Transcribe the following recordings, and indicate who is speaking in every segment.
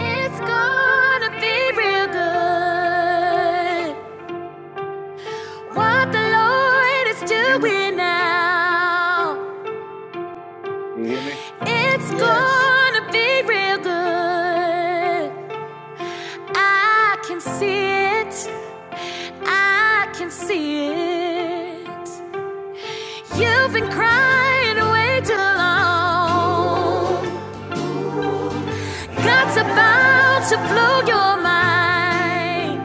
Speaker 1: It's gonna be real good. What the Lord is doing now. It's Yes. gonna be real good. I can see it. I can see it. You've been crying way too long. God's about to blow your mind.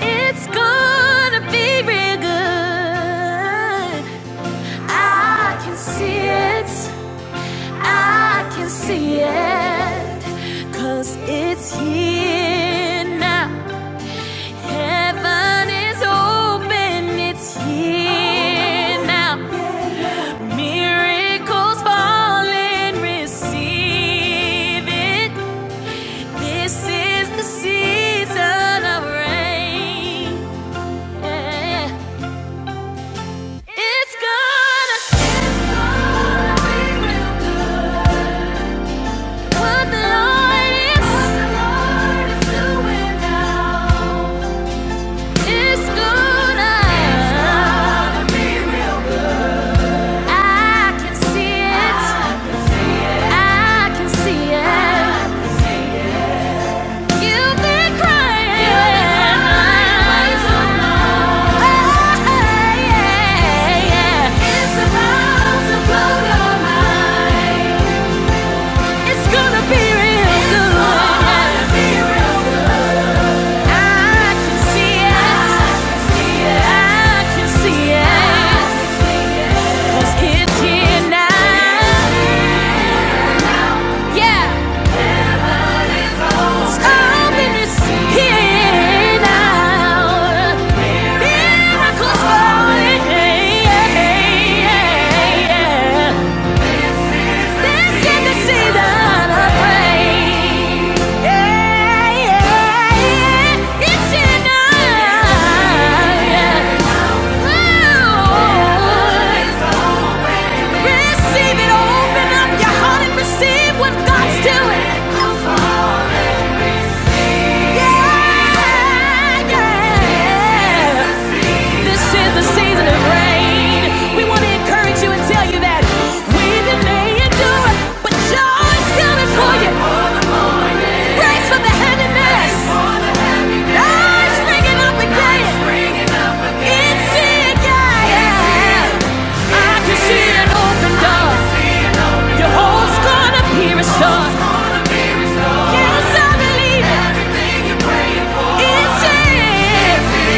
Speaker 1: It's gonna be real good. I can see it. I can see it. 'Cause it's here now. Heaven is open. It's here now. Miracles falling. Receive it. This is the season of rain. Yeah. It's gonna, be real good. What the Lord is, doing now. It's gonna, be real good. I can see it, I can see it. You've been crying, You've been crying way Oh, yeah, yeah. It's about to blow your mind. It's gonna be real good. I can see it. I can see it. 'Cause it's here now. Yeah. It's open, here now. Miracles falling. Yeah, yeah, yeah. yeah, yeah. Yeah, doing. Yeah! yeah. This is the season of rain. We want to encourage you and tell you that we've been made to but joy's coming for you. Praise for the heaviness. Life's bringing up again. It's in, yeah, yeah. I can see an open door. Your hope's gonna be restored. Yes, I believe it. It's in.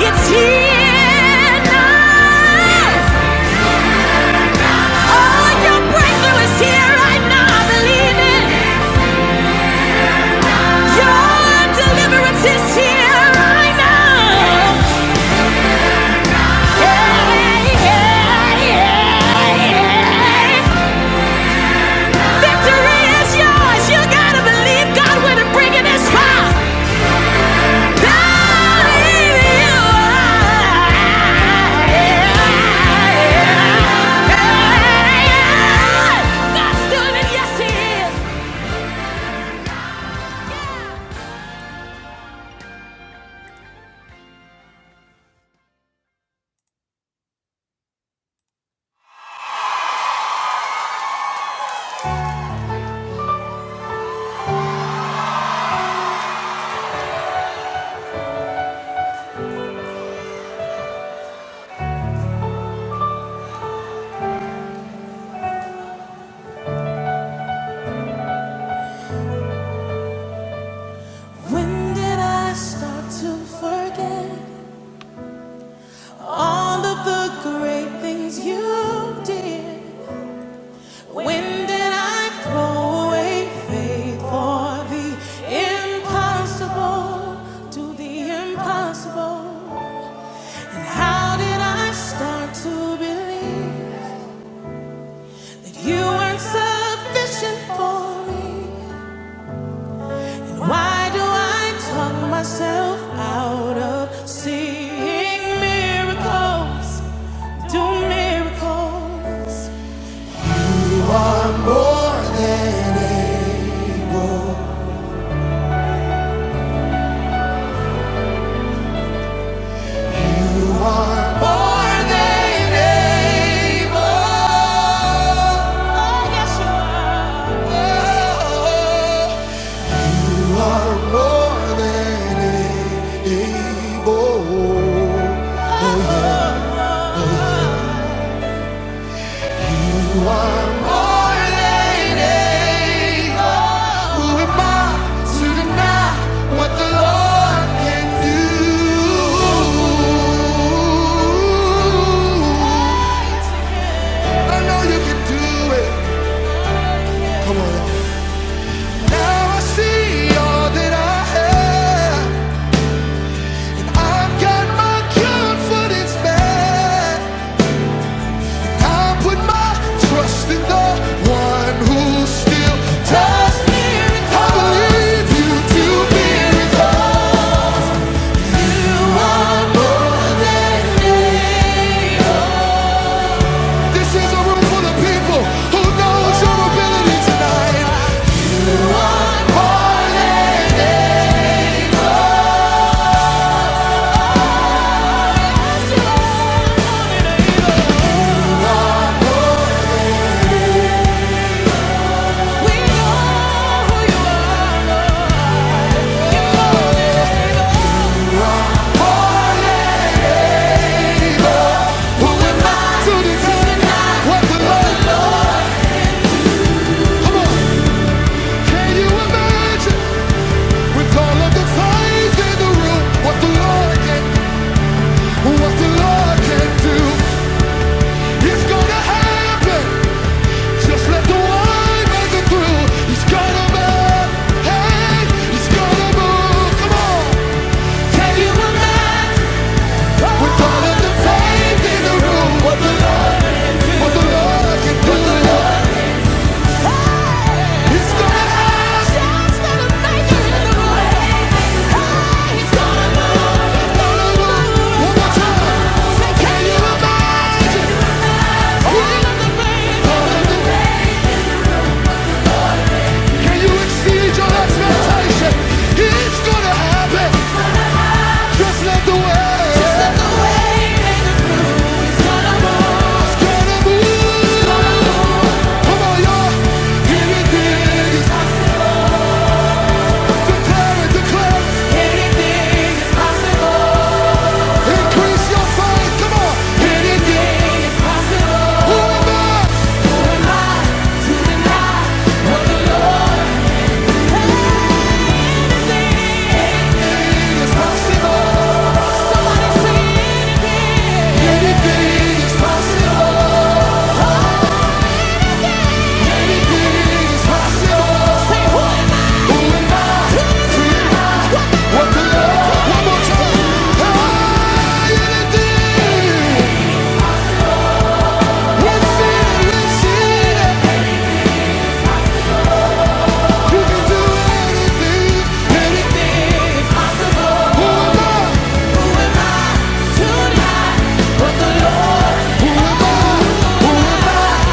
Speaker 1: It's here now! Oh, your breakthrough is here right now. I believe it. Your deliverance is here right now. Yeah, yeah, yeah, yeah. Victory is yours. You gotta believe God when He's bringing His fire. Believe you Yeah, yeah, yeah. God's good and yes, He is. When did I start to forget? All of the great things you did. When did I throw away faith for the impossible to the impossible? And how did I start to believe that you weren't sufficient for me? And why do I talk myself out of seeing miracles? Do miracles. Can do. I know you can do it. Come on. Now I see all that I have. And I've got my confidence back. I put my trust in the one who still does miracles. I believe you to be miracles. This is a room full of people who knows your ability tonight. Party. We know who you are. Who am I? To decide what the Lord Come on, can you imagine with all of the fires in the room what the Lord can, what the Lord can do? It's gonna happen. Just let the wine make it through. He's gonna move, hey, he's gonna move. Come on, can you imagine with all of the fires in the room what the Lord can do? What the Lord can do? It's gonna happen. Just let the fire in the room. Can you exceed your expectation? It's gonna happen. Just let the way. It's gonna move. Come on, y'all. Anything is declare it, declare it. Increase your faith. Come on. Anything is possible. Who am I? Who am I to deny what the Lord has done? Anything is possible. Anything is possible. Who am I to deny what the Lord? One more time. Ah, anything. Let's see it. Let's see it. You can do anything. Anything. Who am I? To God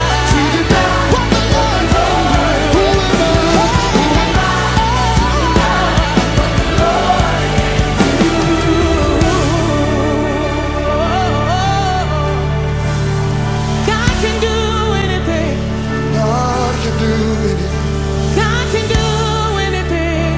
Speaker 1: can do anything. God can do anything.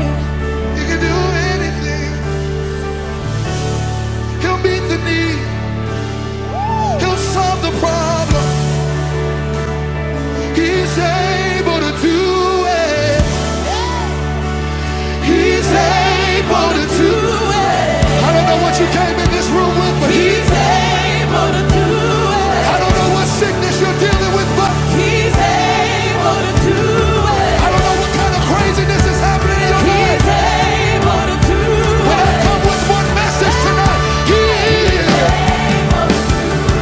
Speaker 1: He's able to do it. I don't know what you came in this room with, but he, He's able to do it. I don't know what sickness you're dealing with, but He's able to do it. I don't know what kind of craziness is happening in your life. He's able to do it. But I come with one message tonight. He is.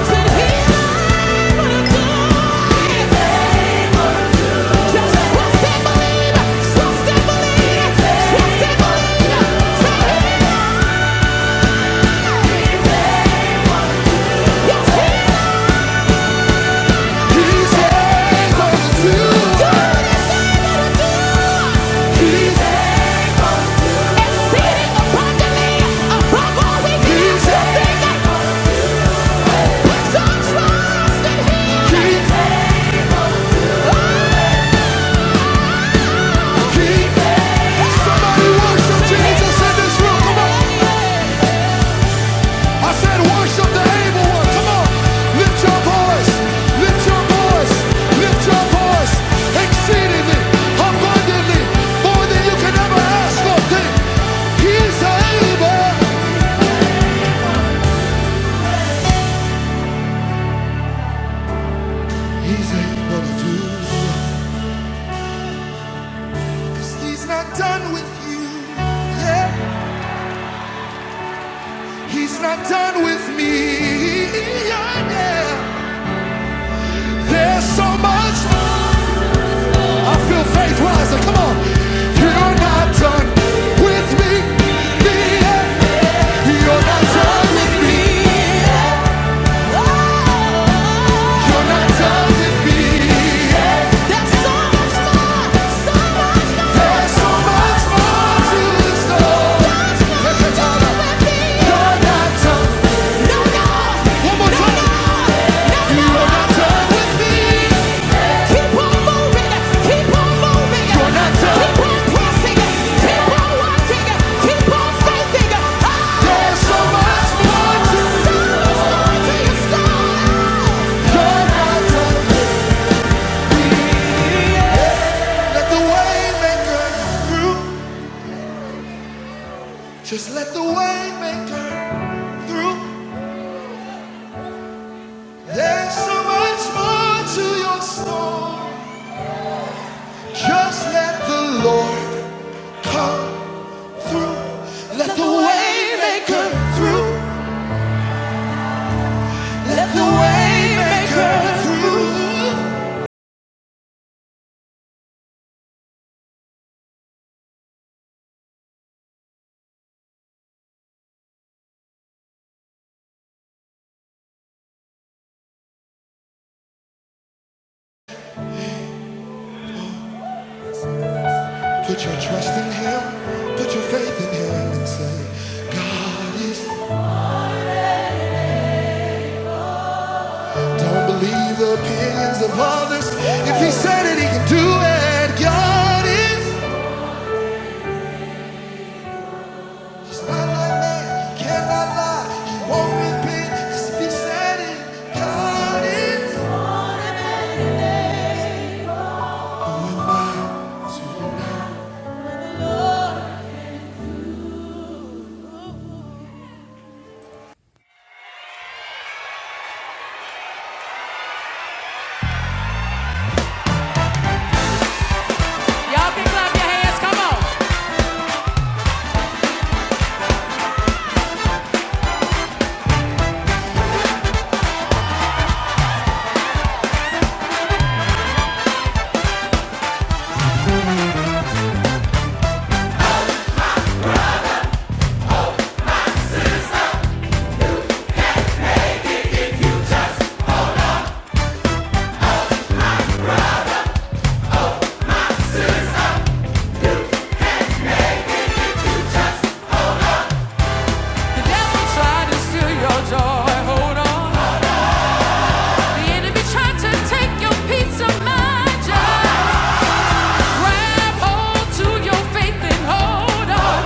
Speaker 1: Trust and believe. Trust and believe. Trust and believe. Say Exceedingly, abundantly, more than you can ever ask or think. He's able. He's able to do. He's not done with you. Yeah. He's not done with me. Yeah, yeah. There's so much. more. I feel faith rising. Come on. You're not done with me. Yeah. yeah. You're not done with me. There's so much more to you. Let the way maker through. Just let the way maker through. There's so much more to your story. Just let the Lord come through. Let the way maker through. Let the way maker through. Put your trust in him. Put your faith in him and say, God is. Don't believe the opinions of others. If he said it, he can do it. God is. He's not like man. He cannot lie. He won't repent. 'Cause if he said it, God is. Y'all can clap your hands. Come on. That's to your joy. The enemy tried to take your peace of mind. Just grab hold to your faith and hold on.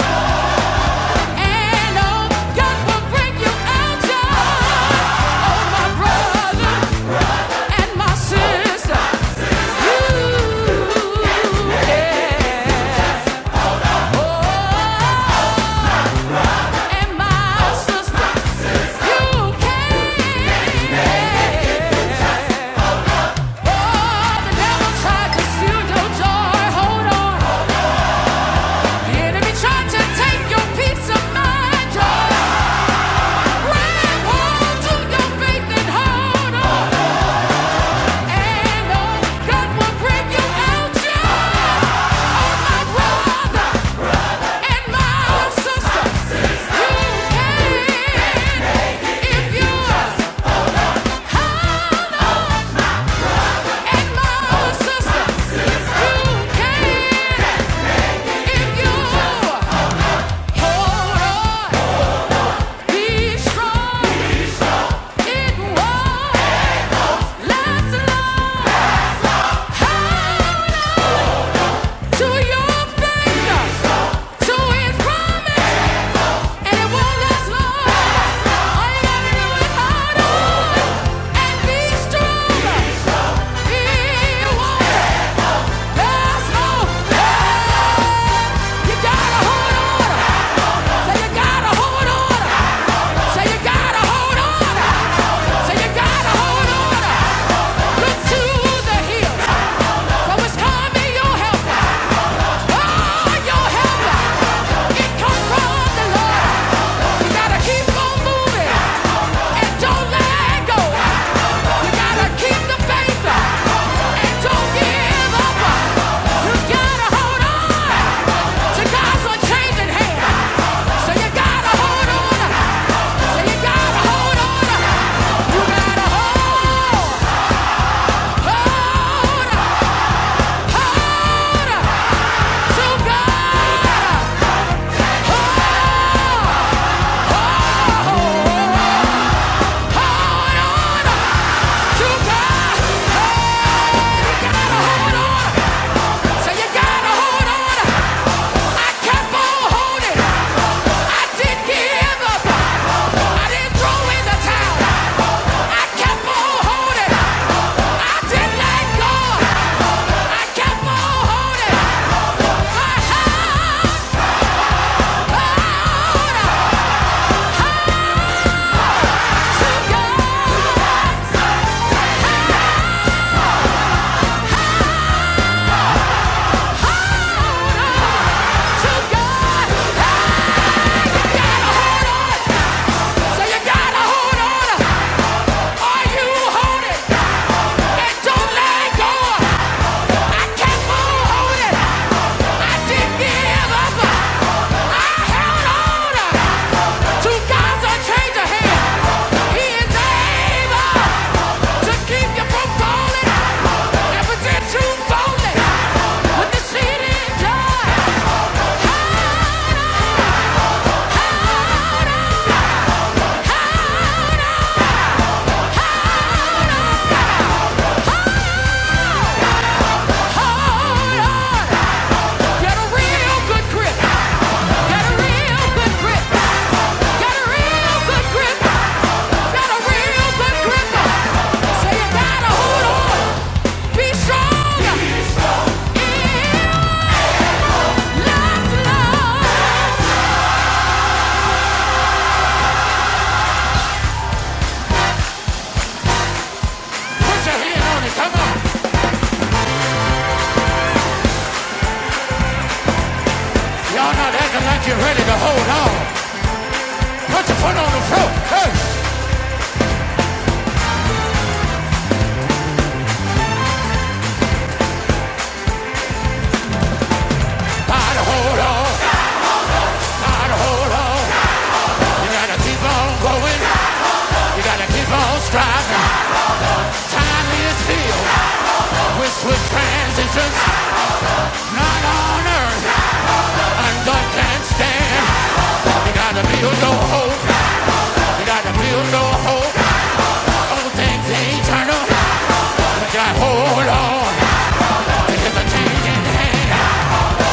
Speaker 1: And oh, God will bring you out. Just Hold on, and on, God will bring you out. Yeah. To your finger, to his promise. it won't last long. All you gotta do is hold on and be strong. It won't last long. You gotta hold on. Say you gotta hold on. Say you gotta hold on. Say you gotta hold on. Look to the hills. From whence coming your help. Oh, your help. It comes from the Lord. You gotta keep on moving and don't let go. You gotta keep the faith and don't give up. You gotta hold on. So God's a changing hand. So you gotta hold on. So you gotta hold on. You gotta hold, hold, hold to God. Hold on to God. You gotta hold on. So you gotta hold on. I kept on holding. I didn't give up. I didn't throw in the towel. I kept on holding. I didn't let go. I kept on holding. I on to God. So you gotta hold on. Are you holding? And don't let go. Hold on! Get a real good grip. Get a real good grip. Get a real good grip. Get a real good grip. So you gotta hold on. Be strong. Feel life's love. Put your hand on it, come on. Y'all not acting like you're ready to hold on. Put your foot on the floor. Hey, gotta hold on, gotta hold on. You gotta keep on going. You gotta keep on striving. Time is filled with swift transitions, not on earth, and God can stand. You gotta build your hope, you gotta build your hope. All things eternal, you gotta hold on. It's a changing hand,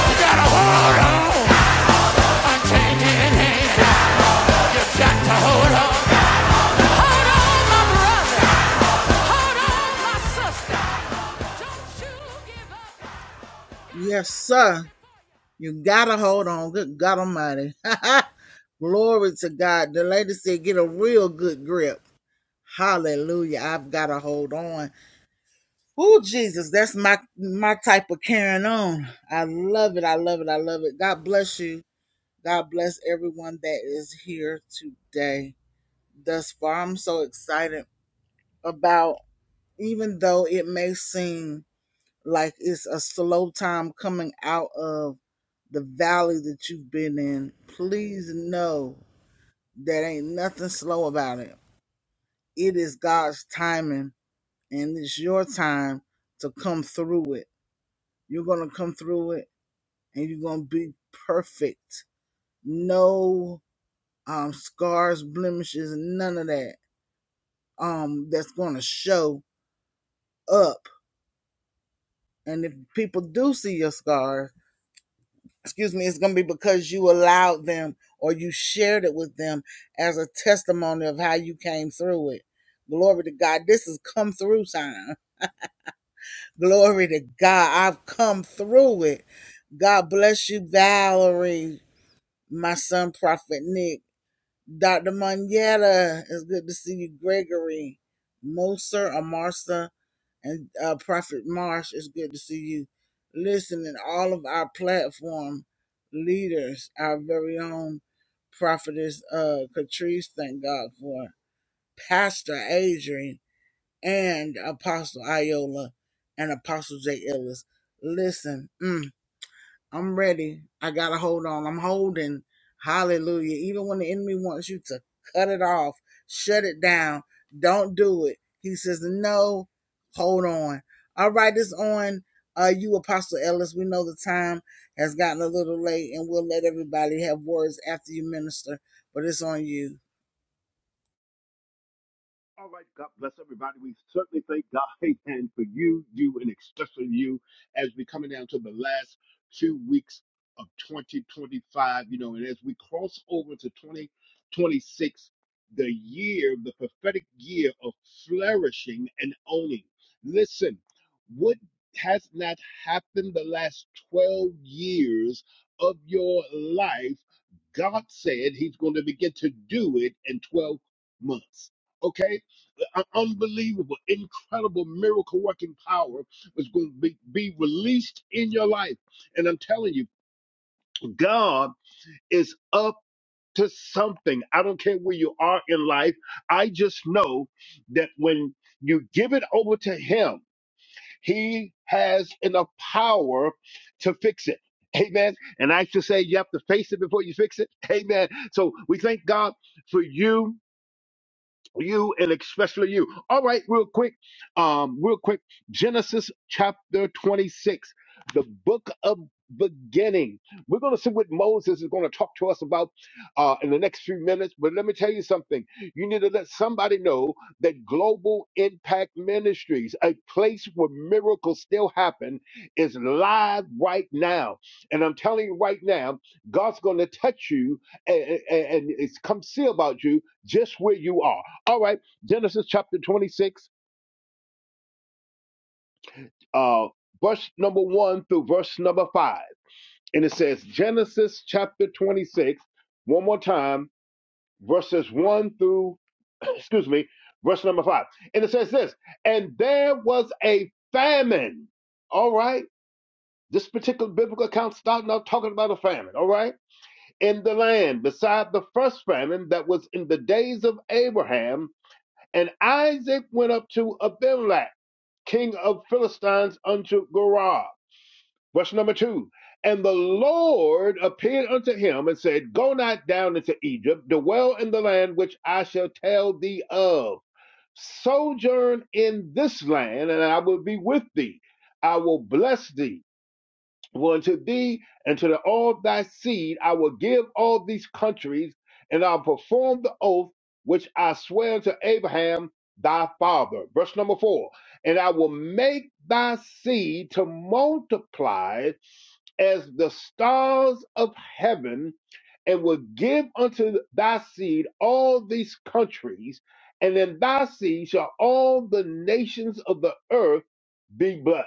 Speaker 1: you gotta hold on. A changing hand, you got to hold on. Hold on, my brother, hold on, my sister. You
Speaker 2: everybody? We certainly thank God and for you, you, and especially you as we coming down to the last two weeks of 2025, you know, and as we cross over to 2026, the year, the prophetic year of flourishing and owning. Listen, what has not happened the last 12 years of your life? God said he's going to begin to do it in 12 months. Okay? an unbelievable, incredible miracle working power was going to be, be released in your life. And I'm telling you, God is up to something. I don't care where you are in life. I just know that when you give it over to Him, He has enough power to fix it. Amen. And I should say you have to face it before you fix it. Amen. So we thank God for you you and especially you. All right, real quick, um, real quick, Genesis chapter 26, the book of beginning. We're going to see what Moses is going to talk to us about uh, in the next few minutes. But let me tell you something. You need to let somebody know that Global Impact Ministries, a place where miracles still happen, is live right now. And I'm telling you right now, God's going to touch you and, and, and it's come see about you just where you are. All right, Genesis chapter 26, uh, verse number 1 through verse number 5. And it says, Genesis chapter 26, one more time, verses 1 through, excuse me, verse number 5. And it says this, and there was a famine. All right, this particular biblical account starting out talking about a famine, all right, in the land, beside the first famine that was in the days of Abraham. And Isaac went up to Abimelech king of Philistines, unto Gorah. Verse number two. And the Lord appeared unto him and said, Go not down into Egypt, dwell in the land which I shall tell thee of. Sojourn in this land, and I will be with thee. I will bless thee for unto thee and to the, all thy seed I will give all these countries, and I'll perform the oath which I swear to Abraham thy father. Verse number four. And I will make thy seed to multiply as the stars of heaven, and will give unto thy seed all these countries, and in thy seed shall all the nations of the earth be blessed.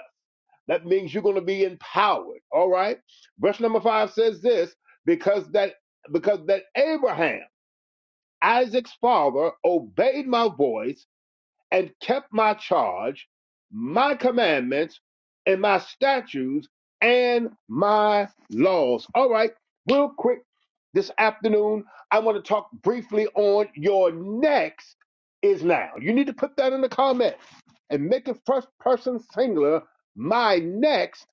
Speaker 2: That means you're going to be empowered. All right. Verse number five says this because that because that Abraham, Isaac's father, obeyed my voice and kept my charge, my commandments, and my statutes and my laws. All right, real quick this afternoon, I want to talk briefly on your next is now. You need to put that in the comments and make it first person singular. My next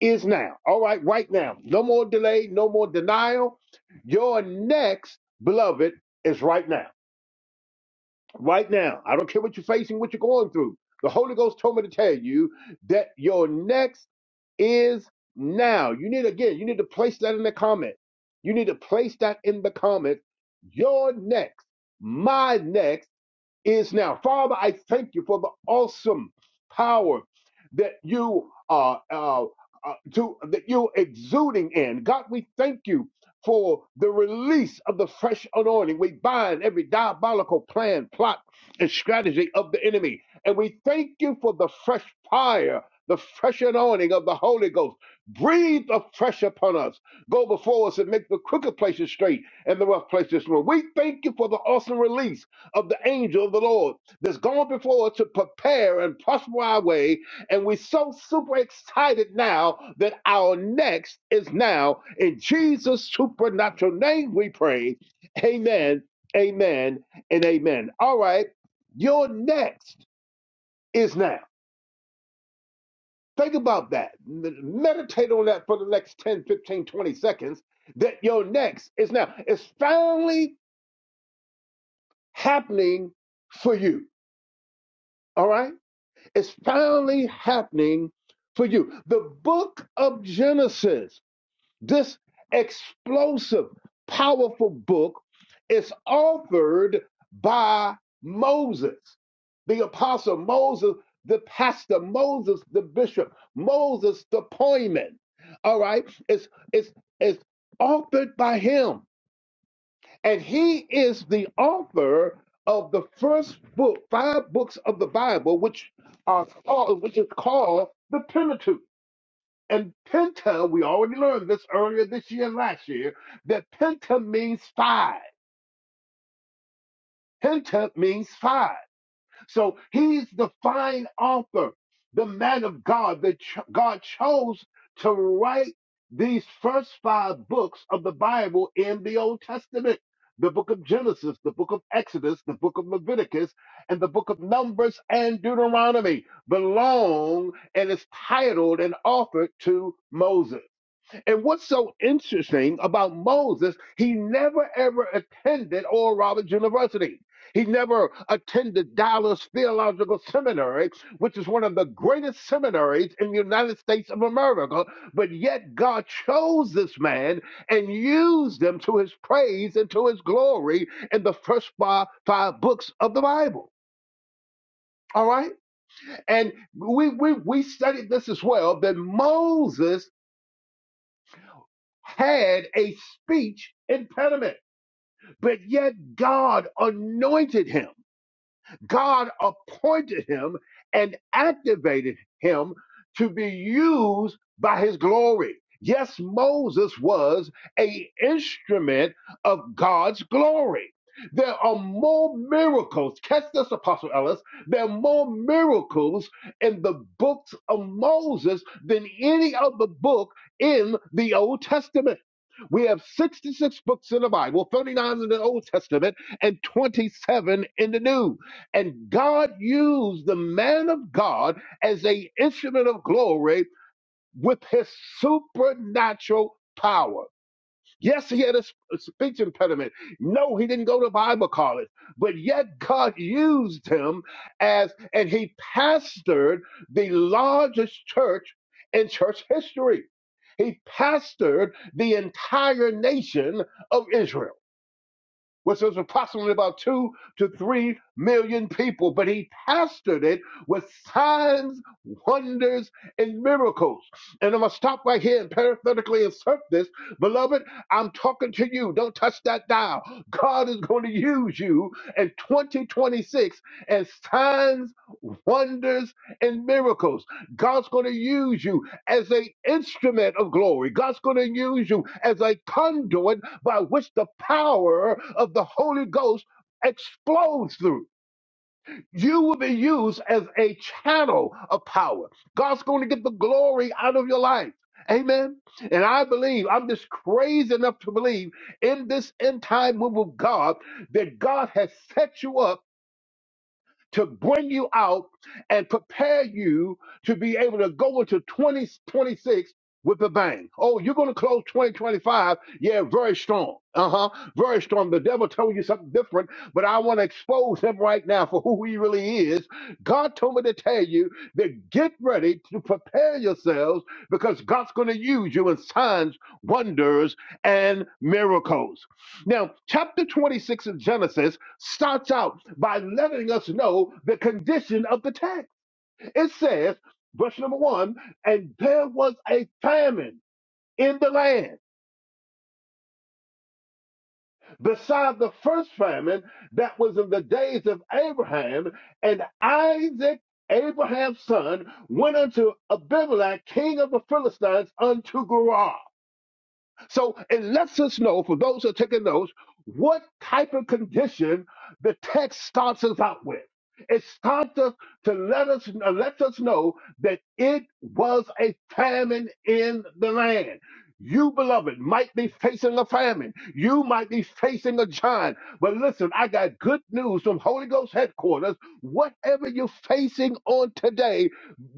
Speaker 2: is now. All right, right now. No more delay, no more denial. Your next, beloved, is right now right now. I don't care what you're facing, what you're going through. The Holy Ghost told me to tell you that your next is now. You need again, you need to place that in the comment. You need to place that in the comment. Your next, my next is now. Father, I thank you for the awesome power that you are uh, uh, to that you're exuding in. God, we thank you for the release of the fresh anointing. We bind every diabolical plan, plot, and strategy of the enemy, and we thank you for the fresh fire. The fresh anointing of the Holy Ghost. Breathe afresh upon us. Go before us and make the crooked places straight and the rough places smooth. We thank you for the awesome release of the angel of the Lord that's gone before us to prepare and prosper our way. And we're so super excited now that our next is now. In Jesus' supernatural name, we pray. Amen, amen, and amen. All right, your next is now. Think about that. M- Meditate on that for the next 10, 15, 20 seconds. That your next is now. It's finally happening for you. All right? It's finally happening for you. The book of Genesis, this explosive, powerful book, is authored by Moses, the apostle Moses, the pastor Moses, the bishop Moses, the poyman. All right, it's it's it's authored by him. And he is the author of the first book, five books of the Bible, which are called, which is called the Pentateuch. And Penta, we already learned this earlier this year and last year, that Penta means five. Penta means five. So he's the fine author, the man of God that ch- God chose to write these first five books of the Bible in the Old Testament the book of Genesis, the book of Exodus, the book of Leviticus, and the book of Numbers and Deuteronomy belong and is titled and offered to Moses. And what's so interesting about Moses, he never ever attended Oral Roberts University. He never attended Dallas Theological Seminary, which is one of the greatest seminaries in the United States of America. But yet, God chose this man and used him to his praise and to his glory in the first five, five books of the Bible. All right? And we, we, we studied this as well that Moses had a speech impediment, but yet God anointed him. God appointed him and activated him to be used by his glory. Yes, Moses was a instrument of God's glory. There are more miracles. Catch this, Apostle Ellis. There are more miracles in the books of Moses than any other book in the Old Testament. We have 66 books in the Bible, 39 in the Old Testament, and 27 in the New. And God used the man of God as a instrument of glory with his supernatural power. Yes, he had a sp- a speech impediment. No, he didn't go to Bible college, but yet God used him as, and he pastored the largest church in church history. He pastored the entire nation of Israel which was approximately about two to three million people, but he pastored it with signs, wonders, and miracles. And I'm gonna stop right here and parenthetically insert this. Beloved, I'm talking to you. Don't touch that dial. God is going to use you in 2026 as signs, wonders, and miracles. God's going to use you as an instrument of glory. God's going to use you as a conduit by which the power of the Holy Ghost explodes through. You will be used as a channel of power. God's going to get the glory out of your life. Amen. And I believe, I'm just crazy enough to believe in this end time move of God that God has set you up to bring you out and prepare you to be able to go into 2026 with a bang. Oh, you're going to close 2025. Yeah, very strong. Uh huh. Very strong. The devil told you something different, but I want to expose him right now for who he really is. God told me to tell you that get ready to prepare yourselves because God's going to use you in signs, wonders, and miracles. Now, chapter 26 of Genesis starts out by letting us know the condition of the text. It says, verse number one, and there was a famine in the land beside the first famine that was in the days of Abraham, and Isaac, Abraham's son, went unto Abimelech, king of the Philistines, unto Gerar. So it lets us know, for those who are taking notes, what type of condition the text starts us out with. It starts us to let us uh, let us know that it was a famine in the land. You, beloved, might be facing a famine. You might be facing a giant. But listen, I got good news from Holy Ghost headquarters. Whatever you're facing on today,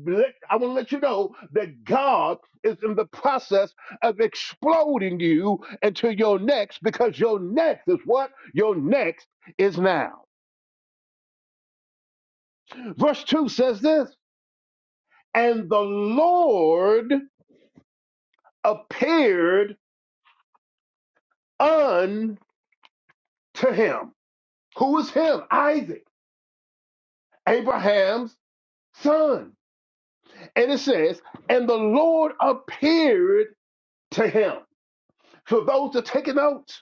Speaker 2: let- I want to let you know that God is in the process of exploding you into your next because your next is what? Your next is now. Verse 2 says this And the Lord appeared unto him. Who is him? Isaac, Abraham's son. And it says, And the Lord appeared to him. For those that take notes,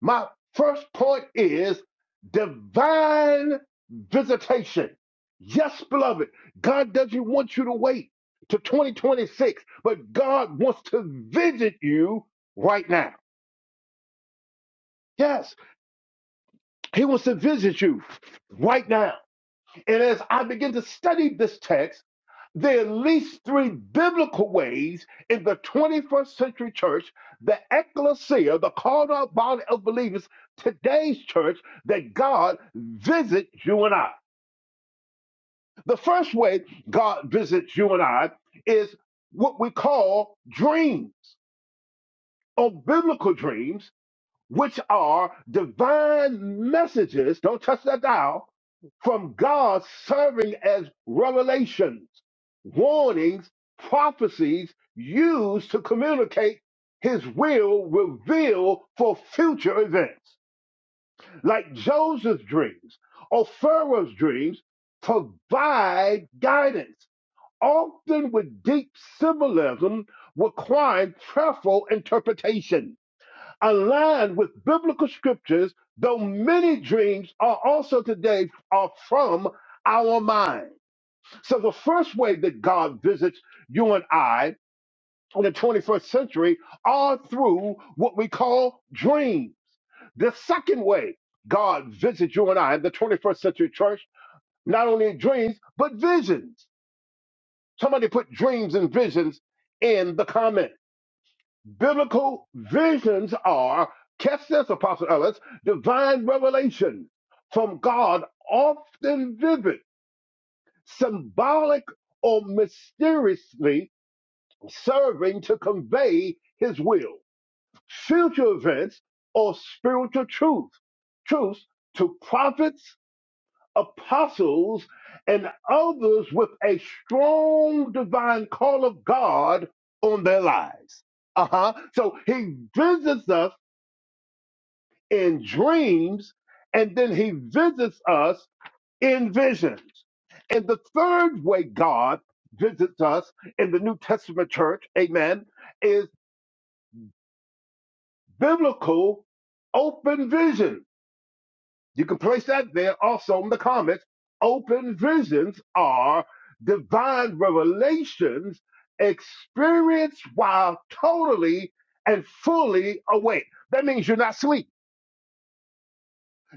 Speaker 2: My first point is divine visitation. Yes, beloved, God doesn't want you to wait to 2026, but God wants to visit you right now. Yes, He wants to visit you right now. And as I begin to study this text, there are at least three biblical ways in the 21st century church, the ecclesia, the called out body of believers, today's church, that God visits you and I. The first way God visits you and I is what we call dreams or biblical dreams which are divine messages, don't touch that dial, from God serving as revelations, warnings, prophecies used to communicate his will revealed for future events. Like Joseph's dreams or Pharaoh's dreams provide guidance, often with deep symbolism requiring prayerful interpretation aligned with biblical scriptures, though many dreams are also today are from our mind. So the first way that God visits you and I in the 21st century are through what we call dreams. The second way God visits you and I in the 21st century church, not only in dreams, but visions. Somebody put dreams and visions in the comments. Biblical visions are, catch this, Apostle Ellis, divine revelation from God, often vivid, symbolic, or mysteriously serving to convey his will, future events, or spiritual truth, truths to prophets, apostles, and others with a strong divine call of God on their lives. Uh huh. So he visits us in dreams, and then he visits us in visions. And the third way God visits us in the New Testament church, amen, is biblical open vision. You can place that there also in the comments. Open visions are divine revelations experienced while totally and fully awake. That means you're not asleep.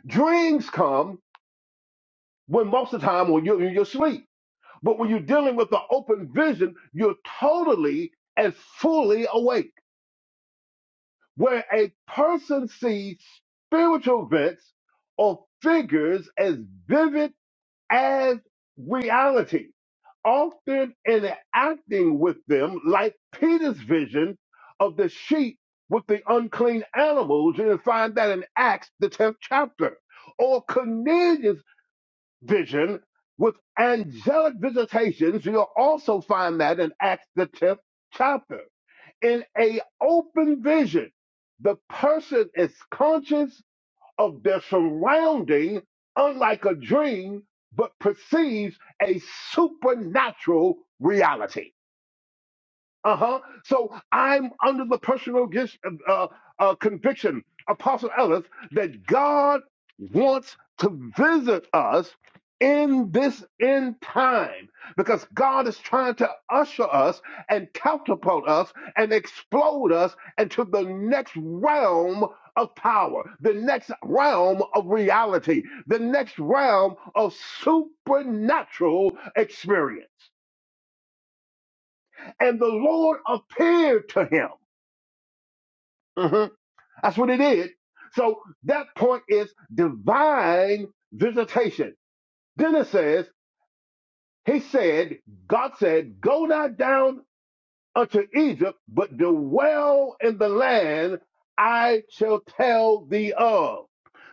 Speaker 2: Dreams come when most of the time when you're, when you're asleep. But when you're dealing with the open vision, you're totally and fully awake. Where a person sees spiritual events or figures as vivid as reality, often interacting with them like Peter's vision of the sheep with the unclean animals. You can find that in Acts, the 10th chapter. Or Cornelius' vision with angelic visitations. You'll also find that in Acts the 10th chapter. In a open vision, the person is conscious of their surrounding, unlike a dream, but perceives a supernatural reality. Uh-huh. So I'm under the personal gis- uh, uh, uh, conviction, Apostle Ellis, that God wants to visit us in this end time because God is trying to usher us and catapult us and explode us into the next realm of power, the next realm of reality, the next realm of supernatural experience. And the Lord appeared to him Mhm. That's what it is. So that point is divine visitation. Then it says, He said, God said, Go not down unto Egypt, but dwell in the land I shall tell thee of.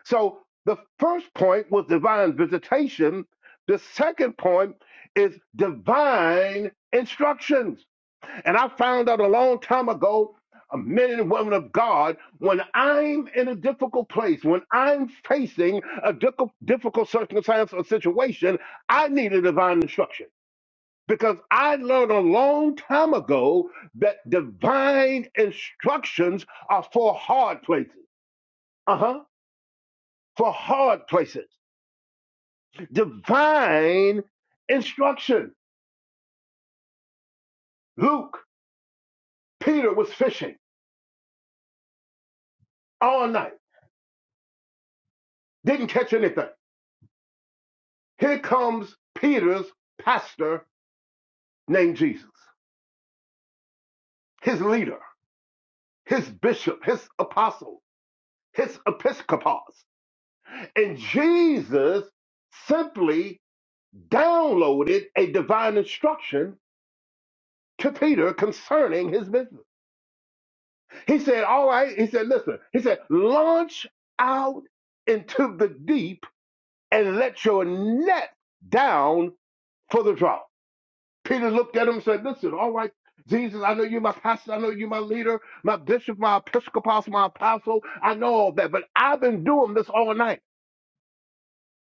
Speaker 2: So the first point was divine visitation. The second point is divine instructions. And I found out a long time ago, uh, men and women of God, when I'm in a difficult place, when I'm facing a difficult, difficult circumstance or situation, I need a divine instruction. Because I learned a long time ago that divine instructions are for hard places. Uh huh. For hard places. Divine instruction. Luke, Peter was fishing all night, didn't catch anything. Here comes Peter's pastor named Jesus, his leader, his bishop, his apostle, his episcopos. And Jesus simply downloaded a divine instruction to Peter concerning his business. He said, All right, he said, listen, he said, launch out into the deep and let your net down for the drought. Peter looked at him and said, Listen, all right, Jesus, I know you're my pastor. I know you're my leader, my bishop, my episcopal, my apostle. I know all that, but I've been doing this all night.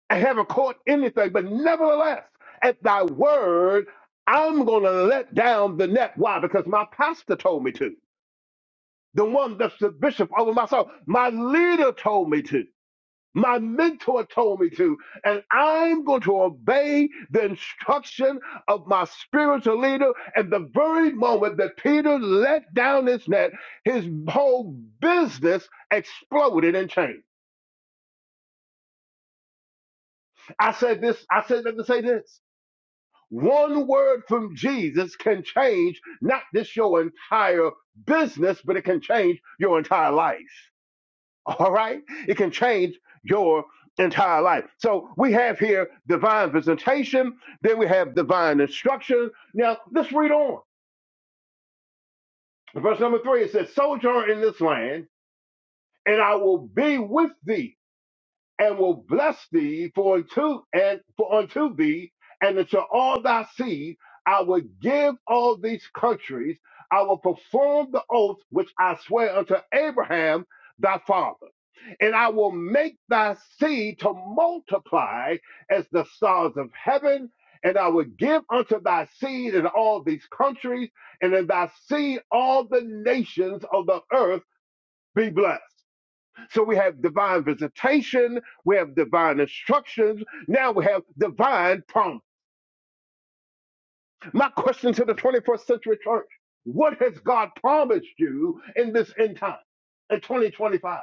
Speaker 2: I haven't caught anything. But nevertheless, at thy word, I'm going to let down the net. Why? Because my pastor told me to. The one that's the bishop over my soul. My leader told me to my mentor told me to, and I'm going to obey the instruction of my spiritual leader. And the very moment that Peter let down his net, his whole business exploded and changed. I said this, I said that to say this. One word from Jesus can change not just your entire business, but it can change your entire life. All right? It can change your entire life. So we have here divine visitation, then we have divine instruction. Now let's read on. Verse number three it says, Sojourn in this land, and I will be with thee and will bless thee for unto and for unto thee and unto all thy seed I will give all these countries. I will perform the oath which I swear unto Abraham thy father, and I will make thy seed to multiply as the stars of heaven. And I will give unto thy seed in all these countries, and in thy seed all the nations of the earth be blessed. So we have divine visitation, we have divine instructions, now we have divine promise. My question to the 21st century church what has God promised you in this end time, in 2025?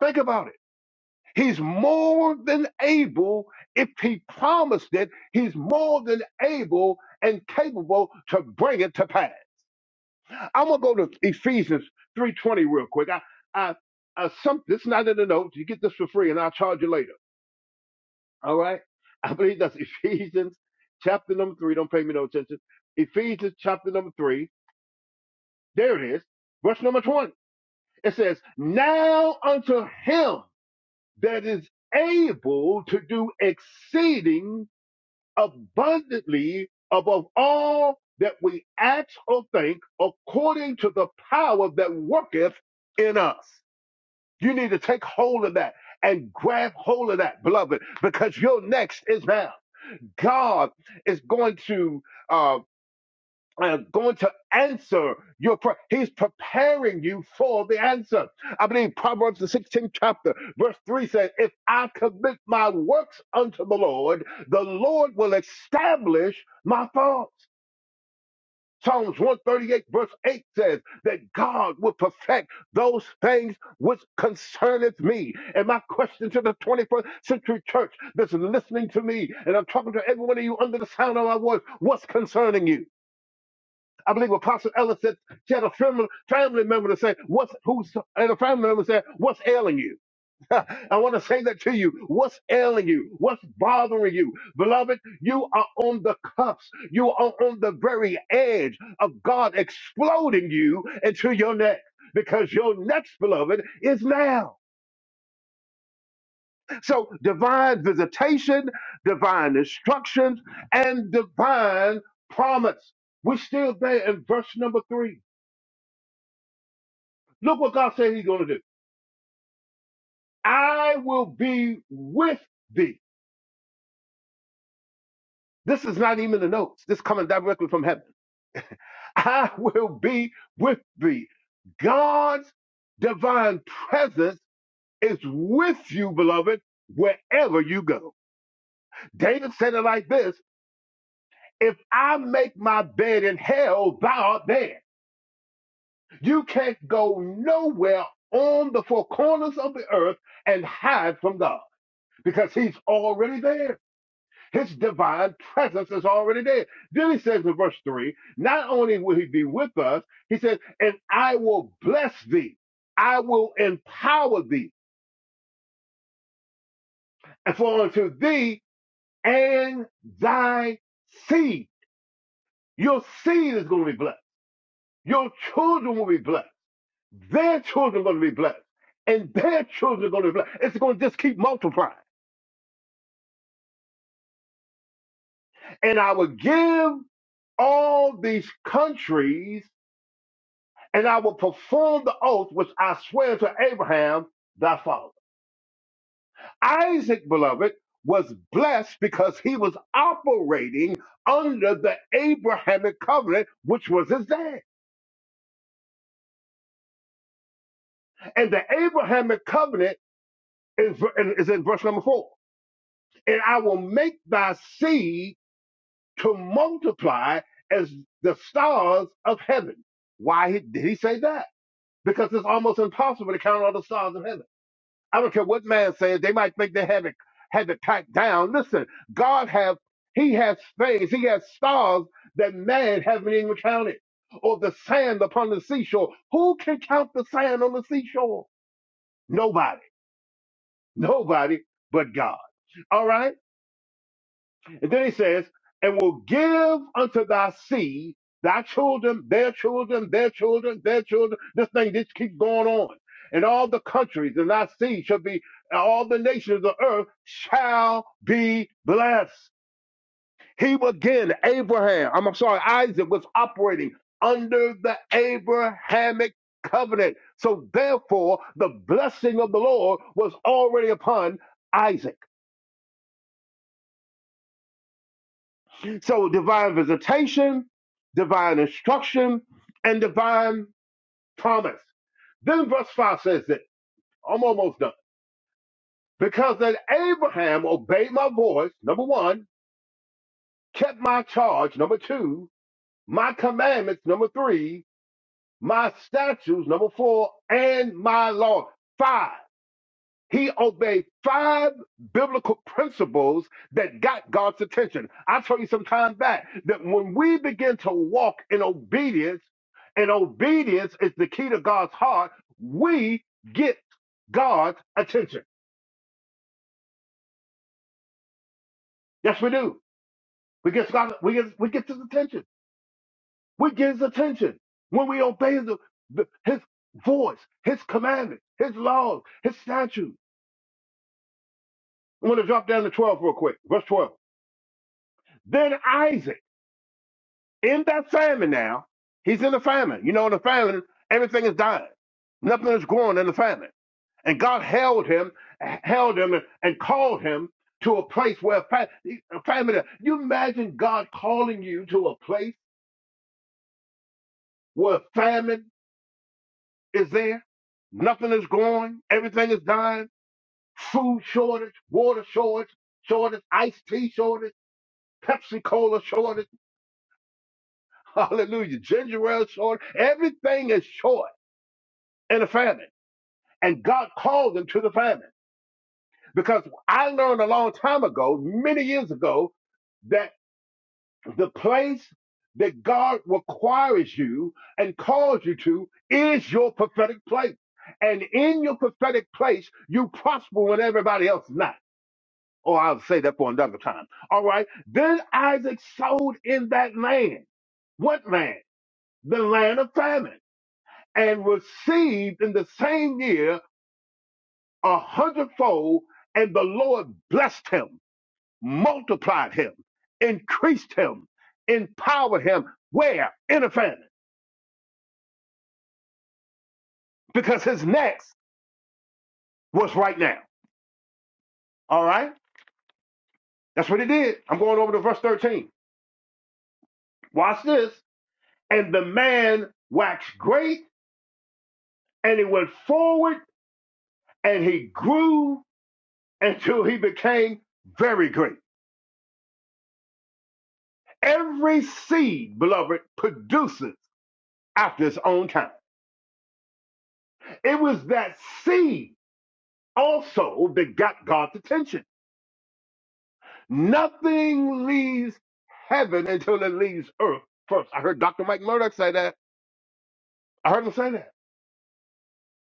Speaker 2: Think about it. He's more than able, if he promised it, he's more than able and capable to bring it to pass. I'm gonna go to Ephesians 3:20 real quick. I, I, I some this is not in the notes. You get this for free, and I'll charge you later. I believe that's Ephesians chapter number three. Don't pay me no attention. Ephesians chapter number three. There it is. Verse number 20. It says, Now unto him that is able to do exceeding abundantly above all that we ask or think, according to the power that worketh in us. You need to take hold of that and grab hold of that, beloved, because your next is now. God is going to uh, uh, going to answer your prayer. He's preparing you for the answer. I believe Proverbs the 16th chapter, verse 3 says, If I commit my works unto the Lord, the Lord will establish my thoughts. Psalms 138, verse 8 says that God will perfect those things which concerneth me. And my question to the 21st century church that's listening to me, and I'm talking to every one of you under the sound of my voice, what's concerning you? I believe Apostle Ellis said she had a family, family member to say, what's who's and a family member said, what's ailing you? I want to say that to you. What's ailing you? What's bothering you? Beloved, you are on the cusp. You are on the very edge of God exploding you into your next because your next, beloved, is now. So divine visitation, divine instructions, and divine promise. We're still there in verse number three. Look what God said he's going to do. I will be with thee. This is not even the notes. This is coming directly from heaven. I will be with thee. God's divine presence is with you, beloved, wherever you go. David said it like this If I make my bed in hell, thou art there. You can't go nowhere on the four corners of the earth and hide from God because he's already there. His divine presence is already there. Then he says in verse 3 not only will he be with us, he says, and I will bless thee, I will empower thee, and for unto thee and thy seed. Your seed is going to be blessed. Your children will be blessed. Their children are going to be blessed. And their children are going to be blessed. It's going to just keep multiplying. And I will give all these countries and I will perform the oath which I swear to Abraham, thy father. Isaac, beloved, was blessed because he was operating under the Abrahamic covenant, which was his dad. And the Abrahamic covenant is, is in verse number four. And I will make thy seed to multiply as the stars of heaven. Why did he say that? Because it's almost impossible to count all the stars of heaven. I don't care what man says. They might think they have it had it tacked down. Listen, God have He has things. He has stars that man haven't even counted, or the sand upon the seashore. Who can count the sand on the seashore? Nobody. Nobody but God. All right. And then he says, and will give unto thy seed, thy children, their children, their children, their children. This thing just keep going on. And all the countries and thy seed shall be, and all the nations of the earth shall be blessed. He again, Abraham, I'm sorry, Isaac was operating under the Abrahamic covenant. So therefore, the blessing of the Lord was already upon Isaac. So divine visitation, divine instruction, and divine promise. Then verse 5 says that I'm almost done. Because that Abraham obeyed my voice, number one, kept my charge, number two, my commandments, number three, my statutes, number four, and my law. Five. He obeyed five biblical principles that got God's attention. I told you some time back that when we begin to walk in obedience, and obedience is the key to God's heart, we get God's attention. Yes, we do. We get God, we get we get his attention. We get his attention when we obey his, his voice, his commandments, his laws, his statutes. I'm going to drop down to 12 real quick. Verse 12. Then Isaac. in that famine now. He's in the famine. You know, in the famine, everything is dying. Nothing is growing in the famine. And God held him, held him, and called him to a place where fa- famine. You imagine God calling you to a place where famine is there. Nothing is growing. Everything is dying. Food shortage, water shortage, shortage, iced tea shortage, Pepsi Cola shortage. Hallelujah. Ginger ale shortage. Everything is short in the famine and God called them to the famine. Because I learned a long time ago, many years ago, that the place that God requires you and calls you to is your prophetic place. And in your prophetic place, you prosper when everybody else is not. Or I'll say that for another time. All right. Then Isaac sowed in that land. What land? The land of famine. And received in the same year a hundredfold, and the Lord blessed him, multiplied him, increased him, empowered him. Where? In the famine? Because his next was right now. All right? That's what he did. I'm going over to verse 13. Watch this. And the man waxed great, and he went forward, and he grew until he became very great. Every seed, beloved, produces after its own time. It was that seed also that got God's attention. Nothing leaves heaven until it leaves earth first. I heard Dr. Mike Murdoch say that. I heard him say that.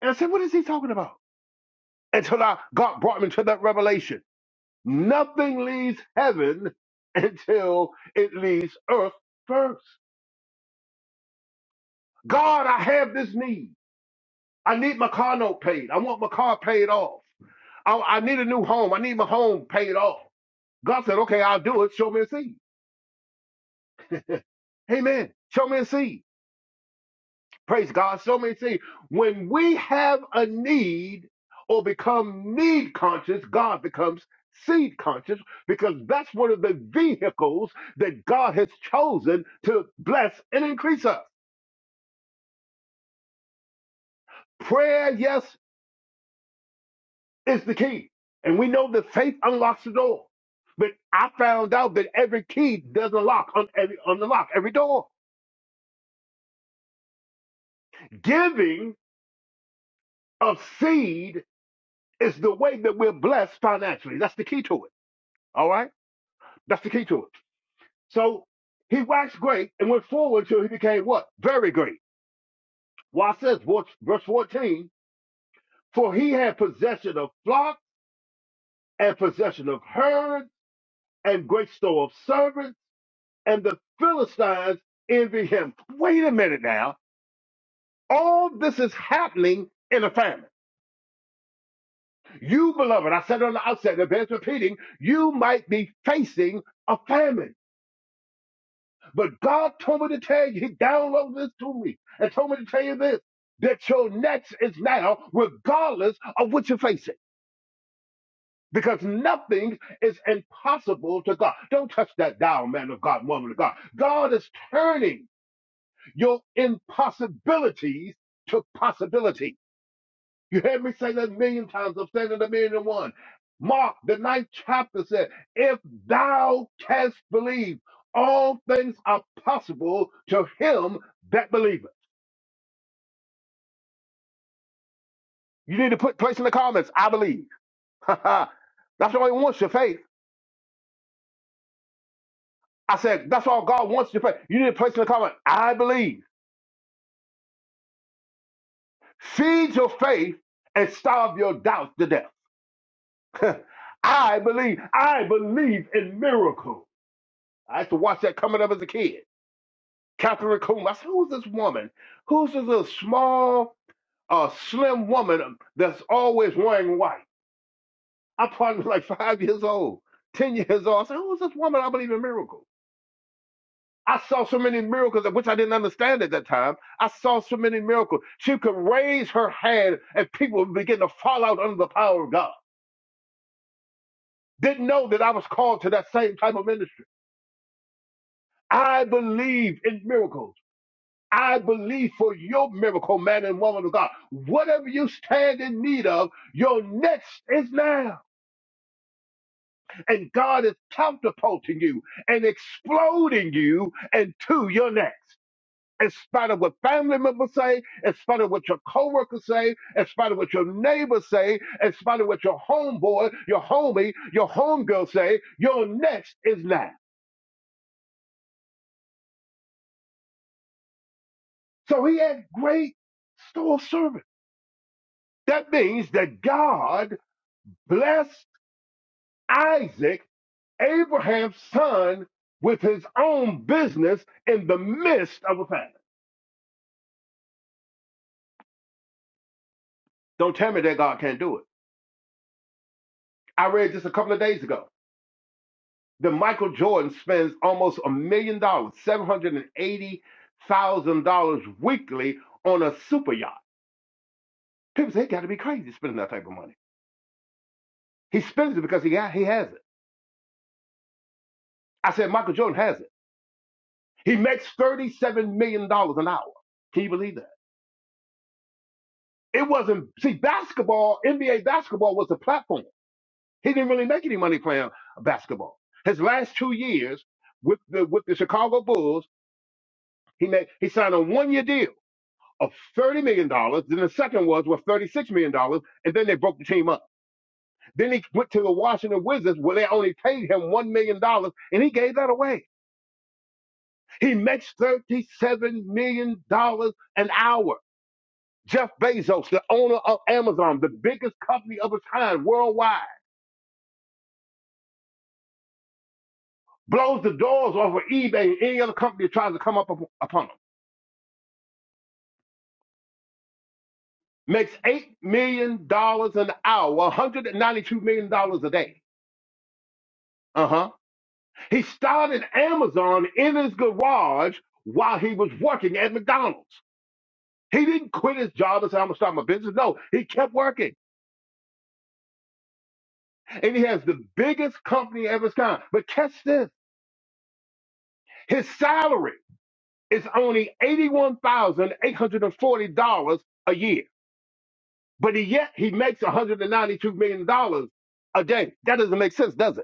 Speaker 2: And I said, what is he talking about? Until I, God brought me to that revelation. Nothing leaves heaven until it leaves earth first. God, I have this need. I need my car note paid. I want my car paid off. I, I need a new home. I need my home paid off. God said, okay, I'll do it. Show me a seed. Amen. Show me a seed. Praise God. So many things. When we have a need or become need conscious, God becomes seed conscious because that's one of the vehicles that God has chosen to bless and increase us. Prayer, yes, is the key. And we know that faith unlocks the door. But I found out that every key doesn't lock on every on the lock, every door. Giving of seed is the way that we're blessed financially. That's the key to it. All right? That's the key to it. So he waxed great and went forward till he became what? Very great. Why says verse 14, for he had possession of flocks and possession of herds and great store of servants, and the Philistines envy him. Wait a minute now. All this is happening in a famine. You, beloved, I said on the outset, it bears repeating, you might be facing a famine. But God told me to tell you, He downloaded this to me and told me to tell you this that your next is now, regardless of what you're facing. Because nothing is impossible to God. Don't touch that dial, man of God, woman of God. God is turning your impossibilities to possibilities. You heard me say that a million times. I'm saying it a million and one. Mark, the ninth chapter said, If thou canst believe, all things are possible to him that believeth. You need to put place in the comments, I believe. that's all he wants, your faith. I said, that's all God wants, your faith. You need to place in the comment, I believe. Feed your faith and starve your doubts to death. I believe. I believe in miracles. I used to watch that coming up as a kid. Catherine Coleman. I said, who's this woman? Who's this little small, uh, slim woman that's always wearing white? I probably was like five years old, 10 years old. I said, who's this woman? I believe in miracles. I saw so many miracles, which I didn't understand at that time. I saw so many miracles. She could raise her hand and people would begin to fall out under the power of God. Didn't know that I was called to that same type of ministry. I believe in miracles. I believe for your miracle, man and woman of God. Whatever you stand in need of, your next is now. And God is catapulting you and exploding you into your next. In spite of what family members say, in spite of what your coworkers say, in spite of what your neighbors say, in spite of what your homeboy, your homie, your homegirl say, your next is now. So he had great store of service. That means that God bless. Isaac, Abraham's son, with his own business in the midst of a famine. Don't tell me that God can't do it. I read this a couple of days ago. The Michael Jordan spends almost a million dollars, seven hundred and eighty thousand dollars weekly on a super yacht. People say he got to be crazy spending that type of money. He spends it because he got, he has it. I said Michael Jordan has it. He makes thirty-seven million dollars an hour. Can you believe that? It wasn't see basketball. NBA basketball was the platform. He didn't really make any money playing basketball. His last two years with the with the Chicago Bulls, he made he signed a one year deal of thirty million dollars. Then the second was worth thirty six million dollars, and then they broke the team up. Then he went to the Washington Wizards, where they only paid him one million dollars, and he gave that away. He makes thirty seven million dollars an hour. Jeff Bezos, the owner of Amazon, the biggest company of its kind worldwide, blows the doors off of eBay and any other company that tries to come up upon it makes eight million dollars an hour, one hundred and ninety-two million dollars a day. Uh huh. He started Amazon in his garage while he was working at McDonald's. He didn't quit his job and say, I'm gonna start my business. No, he kept working. And he has the biggest company of his kind. But catch this his salary is only $81,840 a year. But he, yet he makes $192 million dollars a day. That doesn't make sense, does it?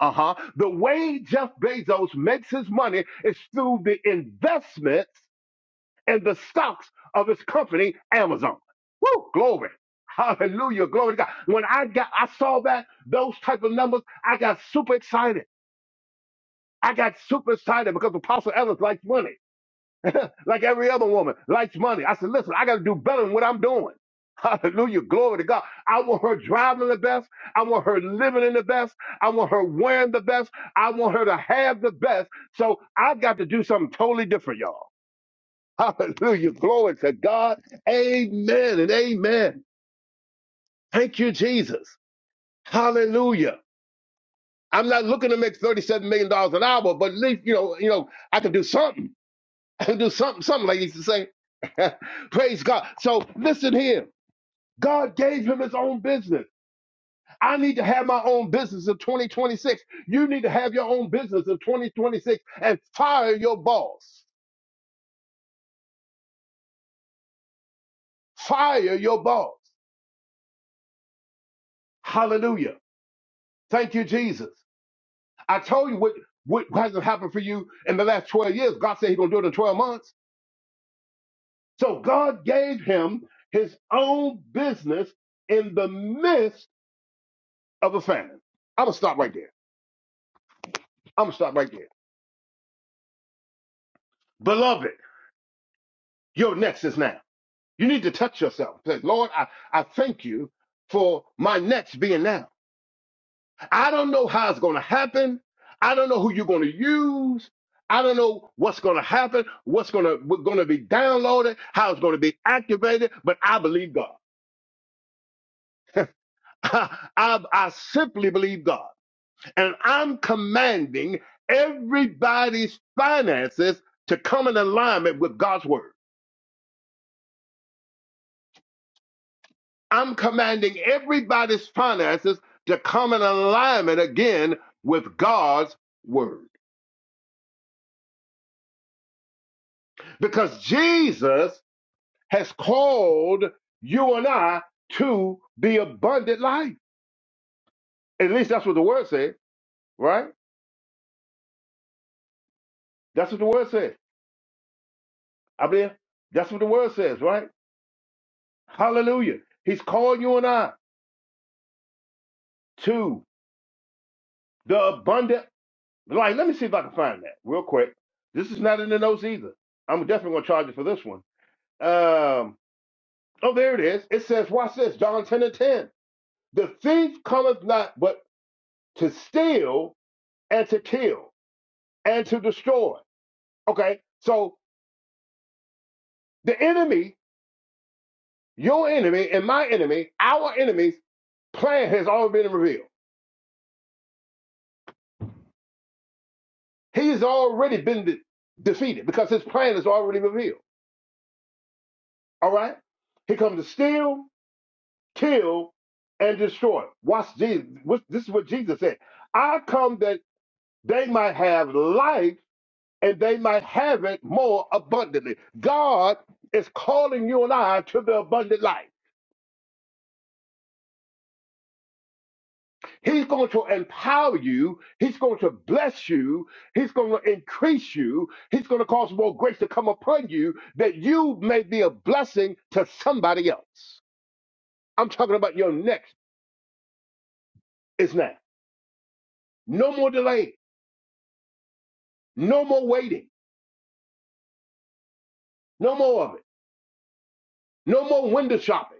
Speaker 2: Uh huh. The way Jeff Bezos makes his money is through the investments in the stocks of his company, Amazon. Woo! Glory. Hallelujah. Glory to God. When I got, I saw that, those type of numbers, I got super excited. I got super excited because Apostle Evans likes money like every other woman, likes money. I said, listen, I got to do better than what I'm doing. Hallelujah. Glory to God. I want her driving the best. I want her living in the best. I want her wearing the best. I want her to have the best. So I got to do something totally different, y'all. Hallelujah. Glory to God. Amen and amen. Thank you, Jesus. Hallelujah. I'm not looking to make $37 million dollars an hour, but at least, you know, you know, I can do something. do something some ladies to say praise god so listen here god gave him his own business i need to have my own business in 2026 you need to have your own business in 2026 and fire your boss fire your boss hallelujah thank you jesus i told you what what hasn't happened for you in the last 12 years god said he's going to do it in 12 months so god gave him his own business in the midst of a famine i'm going to stop right there I'm gonna stop right there. Beloved, your next is now. You need to touch yourself. Say, Lord, I, I thank you for my next being now. I don't know how it's gonna happen. I don't know who you're gonna use. I don't know what's gonna happen, what's gonna what's gonna be downloaded, how it's gonna be activated, but I believe God. I, I simply believe God. And I'm commanding everybody's finances to come in alignment with God's word. I'm commanding everybody's finances to come in alignment again with God's word. Because Jesus has called you and I to the abundant life. At least that's what the word says, right? That's what the word says. I believe that's what the word says, right? Hallelujah. He's called you and I to the abundant life. Let me see if I can find that real quick. This is not in the notes either. I'm definitely going to charge you for this one. Um, Oh, there it is. It says, watch this, John 10 and 10. The thief cometh not but to steal and to kill and to destroy. Okay, so the enemy, your enemy and my enemy, our enemy's plan has already been revealed. He's already been de- defeated because his plan is already revealed. All right? He comes to steal, kill, and destroy. Watch Jesus. This is what Jesus said. I come that they might have life and they might have it more abundantly. God is calling you and I to the abundant life. He's going to empower you. He's going to bless you. He's going to increase you. He's going to cause more grace to come upon you that you may be a blessing to somebody else. I'm talking about your next is now. No more delay. No more waiting. No more of it. No more window shopping.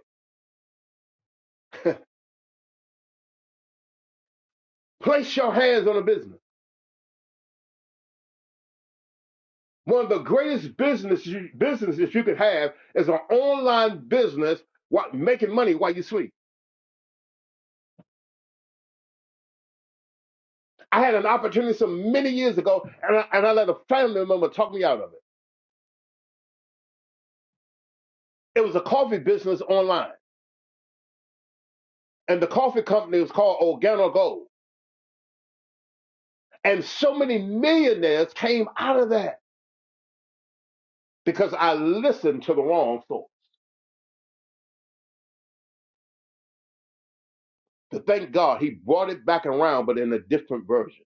Speaker 2: Place your hands on a business. One of the greatest business you, businesses you could have is an online business while making money while you sleep. I had an opportunity some many years ago, and I, and I let a family member talk me out of it. It was a coffee business online, and the coffee company was called Organo Gold. And so many millionaires came out of that because I listened to the wrong thought. To thank God, He brought it back around, but in a different version.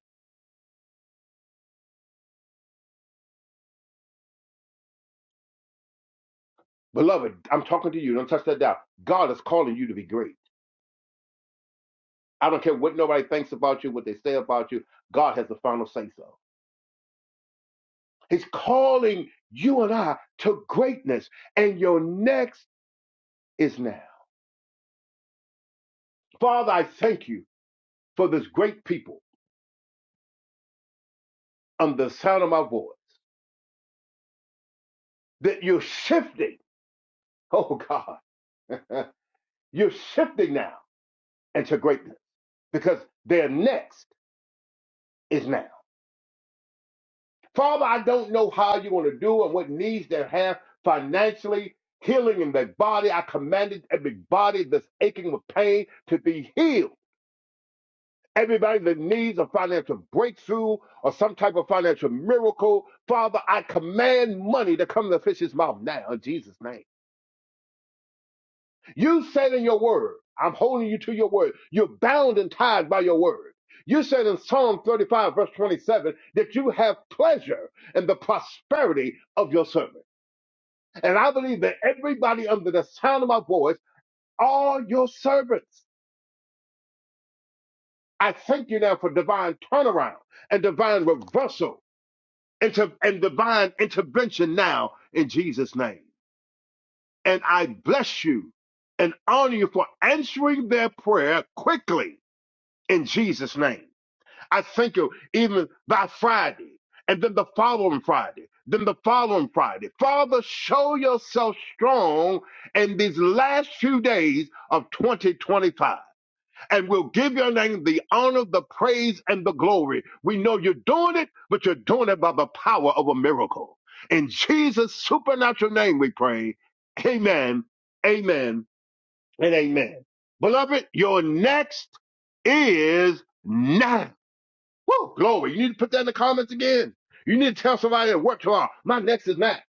Speaker 2: Beloved, I'm talking to you. Don't touch that down. God is calling you to be great. I don't care what nobody thinks about you, what they say about you. God has the final say so. He's calling you and I to greatness, and your next is now. Father, I thank you for this great people under the sound of my voice that you're shifting. Oh, God, you're shifting now into greatness because their next is now. Father, I don't know how you're going to do and what needs they have financially, healing in their body. I commanded every body that's aching with pain to be healed. Everybody that needs a financial breakthrough or some type of financial miracle, Father, I command money to come to the fish's mouth now in Jesus' name. You said in your word, I'm holding you to your word. You're bound and tied by your word. You said in Psalm 35, verse 27, that you have pleasure in the prosperity of your servant. And I believe that everybody under the sound of my voice are your servants. I thank you now for divine turnaround and divine reversal inter- and divine intervention now in Jesus' name. And I bless you and honor you for answering their prayer quickly in Jesus' name. I thank you even by Friday, and then the following Friday, then the following Friday. Father, show yourself strong in these last few days of 2025. And we'll give your name the honor, the praise, and the glory. We know you're doing it, but you're doing it by the power of a miracle. In Jesus' supernatural name, we pray. Amen, amen, and amen. Beloved, your next is now. Woo, glory. You need to put that in the comments again. You need to tell somebody at work tomorrow, my next is Matt.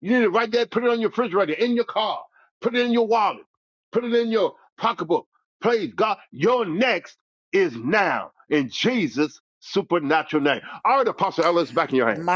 Speaker 2: You need to write that, put it on your refrigerator, in your car, put it in your wallet, put it in your pocketbook. Praise God. Your next is now in Jesus' supernatural name. All right, Apostle Ellis, back in your hands.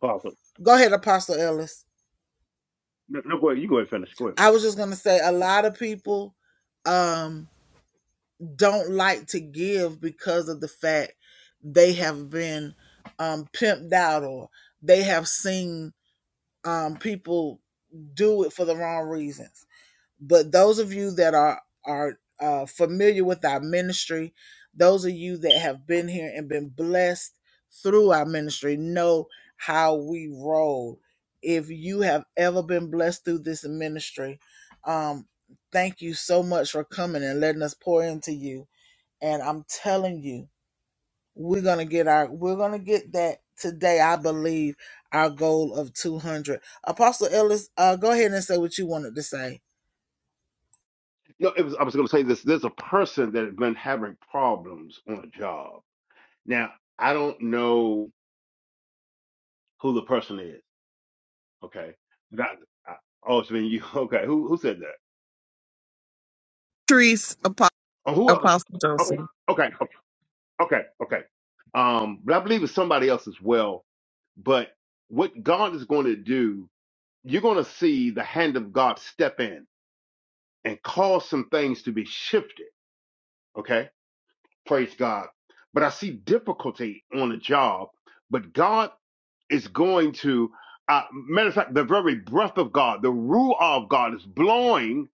Speaker 2: Father. No, it was, I was going to say this. There's a person that has been having problems on a job. Now, I don't know who the person is. Okay. Not, I, oh, it's been you. Okay. Who, who said that?
Speaker 3: Patrice Apo-
Speaker 2: or whoever.
Speaker 3: Apostle
Speaker 2: Okay,
Speaker 3: Johnson.
Speaker 2: okay, okay, okay, okay. Um, but I believe it's somebody else as well. But what God is going to do, you're going to see the hand of God step in and cause some things to be shifted. Okay, praise God. But I see difficulty on the job, but God is going to. Uh, matter of fact, the very breath of God, the ruah of God, is blowing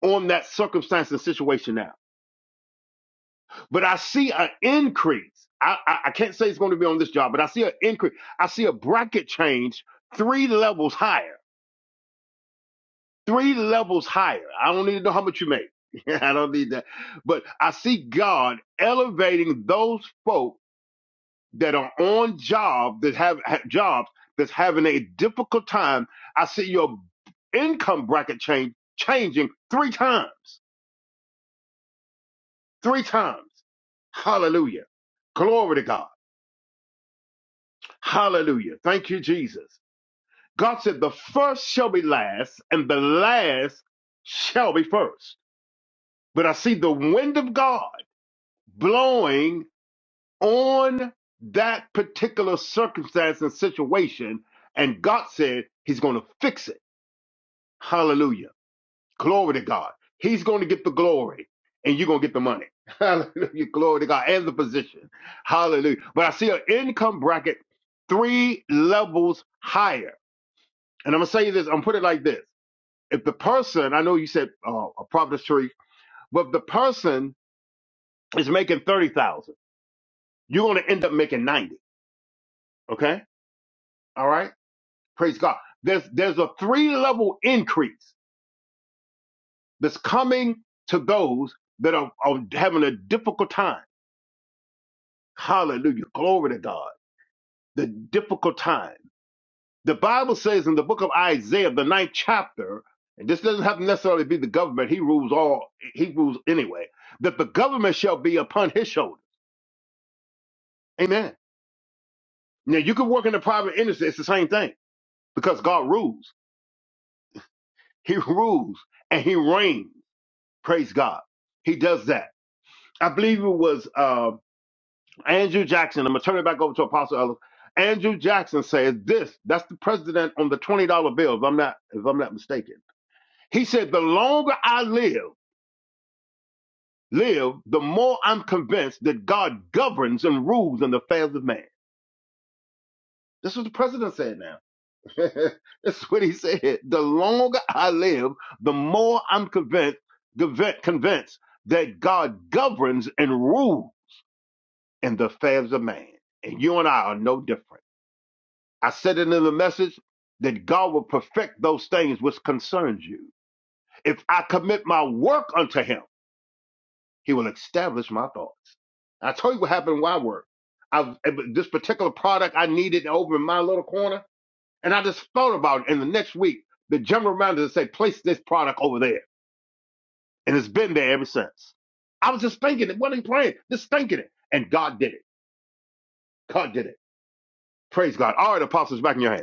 Speaker 2: on that circumstance and situation now But I see an increase. I, I, I can't say it's going to be on this job, but I see an increase. I see a bracket change three levels higher. Three levels higher. I don't need to know how much you make. I don't need that. But I see God elevating those folk that are on job that have, have jobs that's having a difficult time. I see your income bracket change changing three times. Three times. Hallelujah. Glory to God. Hallelujah. Thank you, Jesus. God said, The first shall be last, and the last shall be first. But I see the wind of God blowing on that particular circumstance and situation. And God said, He's going to fix it. Hallelujah. Glory to God. He's going to get the glory, and you're going to get the money. Hallelujah. Glory to God and the position. Hallelujah. But I see an income bracket three levels higher And I'm gonna say this. I'm gonna put it like this: If the person, I know you said uh, a prophet tree, but if the person is making thirty thousand, you're gonna end up making ninety. Okay, all right. Praise God. There's there's a three level increase that's coming to those that are, are having a difficult time. Hallelujah. Glory to God. The difficult time. The Bible says in the book of Isaiah, the ninth chapter, and this doesn't have to necessarily be the government, he rules all, he rules anyway, that the government shall be upon his shoulder. Amen. Now, you can work in the private industry, it's the same thing because God rules. He rules and he reigns. Praise God. He does that. I believe it was uh, Andrew Jackson. I'm going to turn it back over to Apostle Ellis. Andrew Jackson says this. That's the president on the $20 bill, if I'm not, if I'm not mistaken. He said, The longer I live, live, the more I'm convinced that God governs and rules in the affairs of man. This is what the president said now. this is what he said. The longer I live, the more I'm convinced, convinced, that God governs and rules in the affairs of man. And you and I are no different. I said it in the message that God will perfect those things which concerns you. If I commit my work unto him, He will establish my thoughts. I tell you what happened in Y-Word. I, this particular product I needed over in my little corner, and I just thought about it. And the next week, the general manager said, place this product over there. And it's been there ever since. I was just thinking it, wasn't even playing, just thinking it. And God did it. God did it. Praise God. All right, apostles, back in your hands.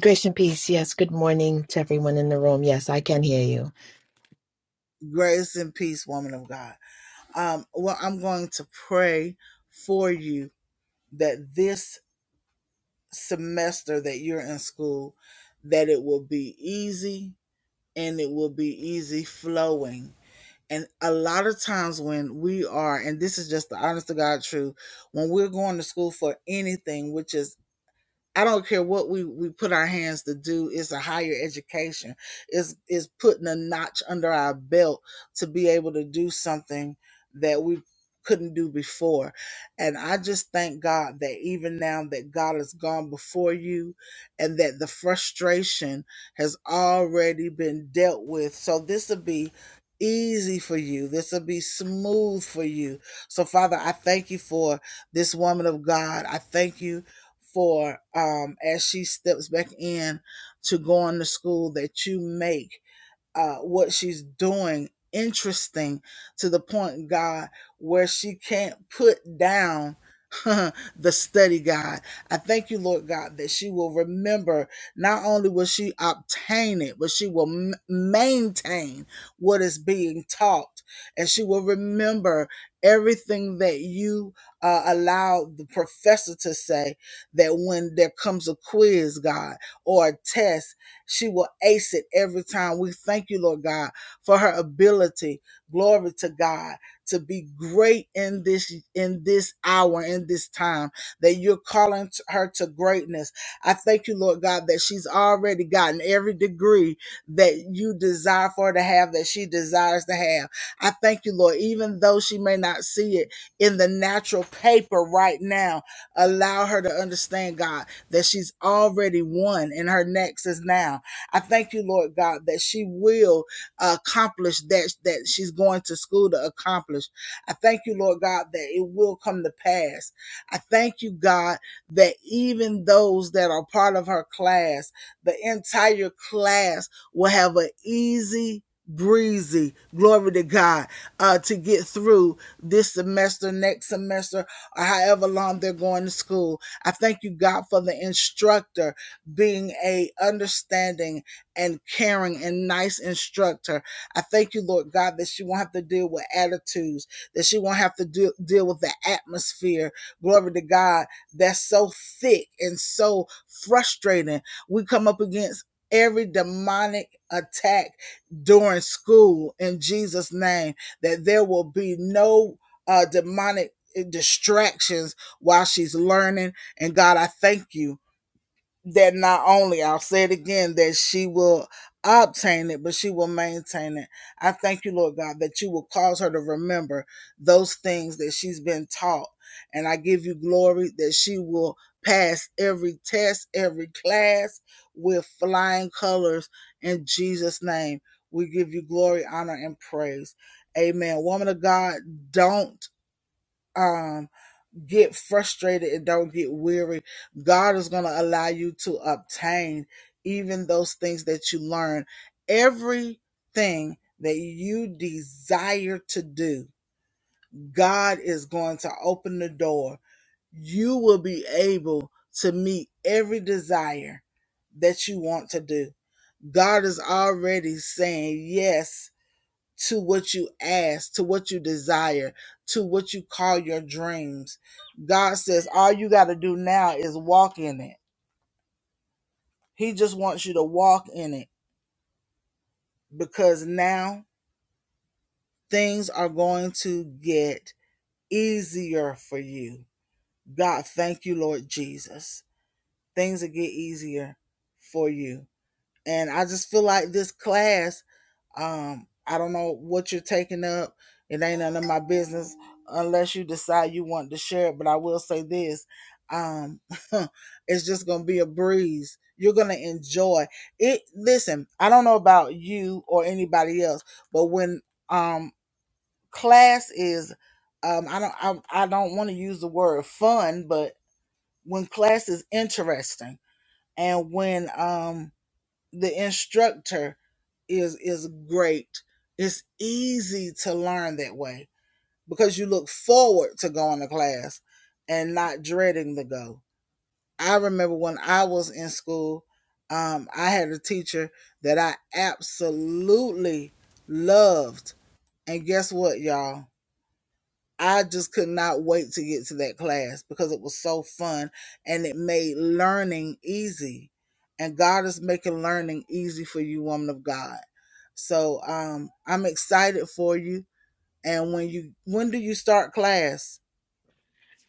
Speaker 4: Grace and peace. Yes. Good morning to everyone in the room. Yes, I can hear you.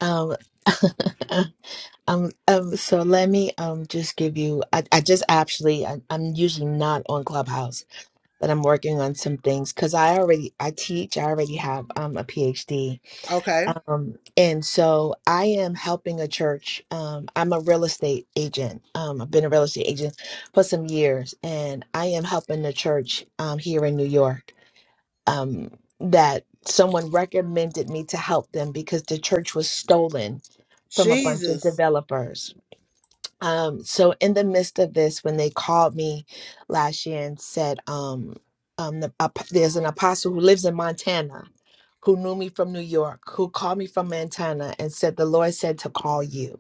Speaker 4: Um, um, um so let me um just give you. I, I just actually I, I'm usually not on Clubhouse, but I'm working on some things because I already I teach. I already have um a PhD. Um, and so I am helping a church. Um, I'm a real estate agent. Um, I've been a real estate agent for some years, and I am helping the church um here in New York. um, that someone recommended me to help them because the church was stolen from a bunch of developers. Um, so, in the midst of this, when they called me last year and said, um, um, the, ap There's an apostle who lives in Montana who knew me from New York, who called me from Montana and said, The Lord said to call you.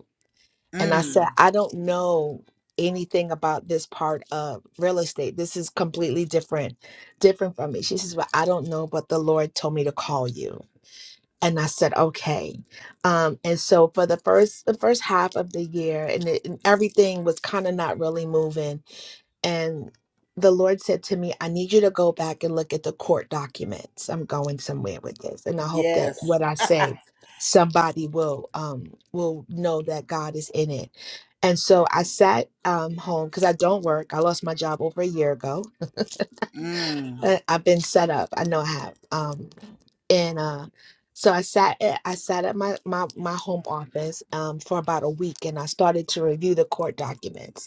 Speaker 4: And I said, I don't know anything about this part of real estate. This is completely different, different from me. She says, Well, I don't know, but the Lord told me to call you. And I said, okay. Um, and so for the first the first half of the year, and, it, and everything was kind of not really moving and the Lord said to me, I need you to go back and look at the court documents. I'm going somewhere with this. And I hope that what I say, somebody will um will know that God is in it. And so I sat um home because I don't work. I lost my job over a year ago. I- I've been set up. I know I have. Um and uh so I sat at, I sat at my, my my home office um for about a week and I started to review the court documents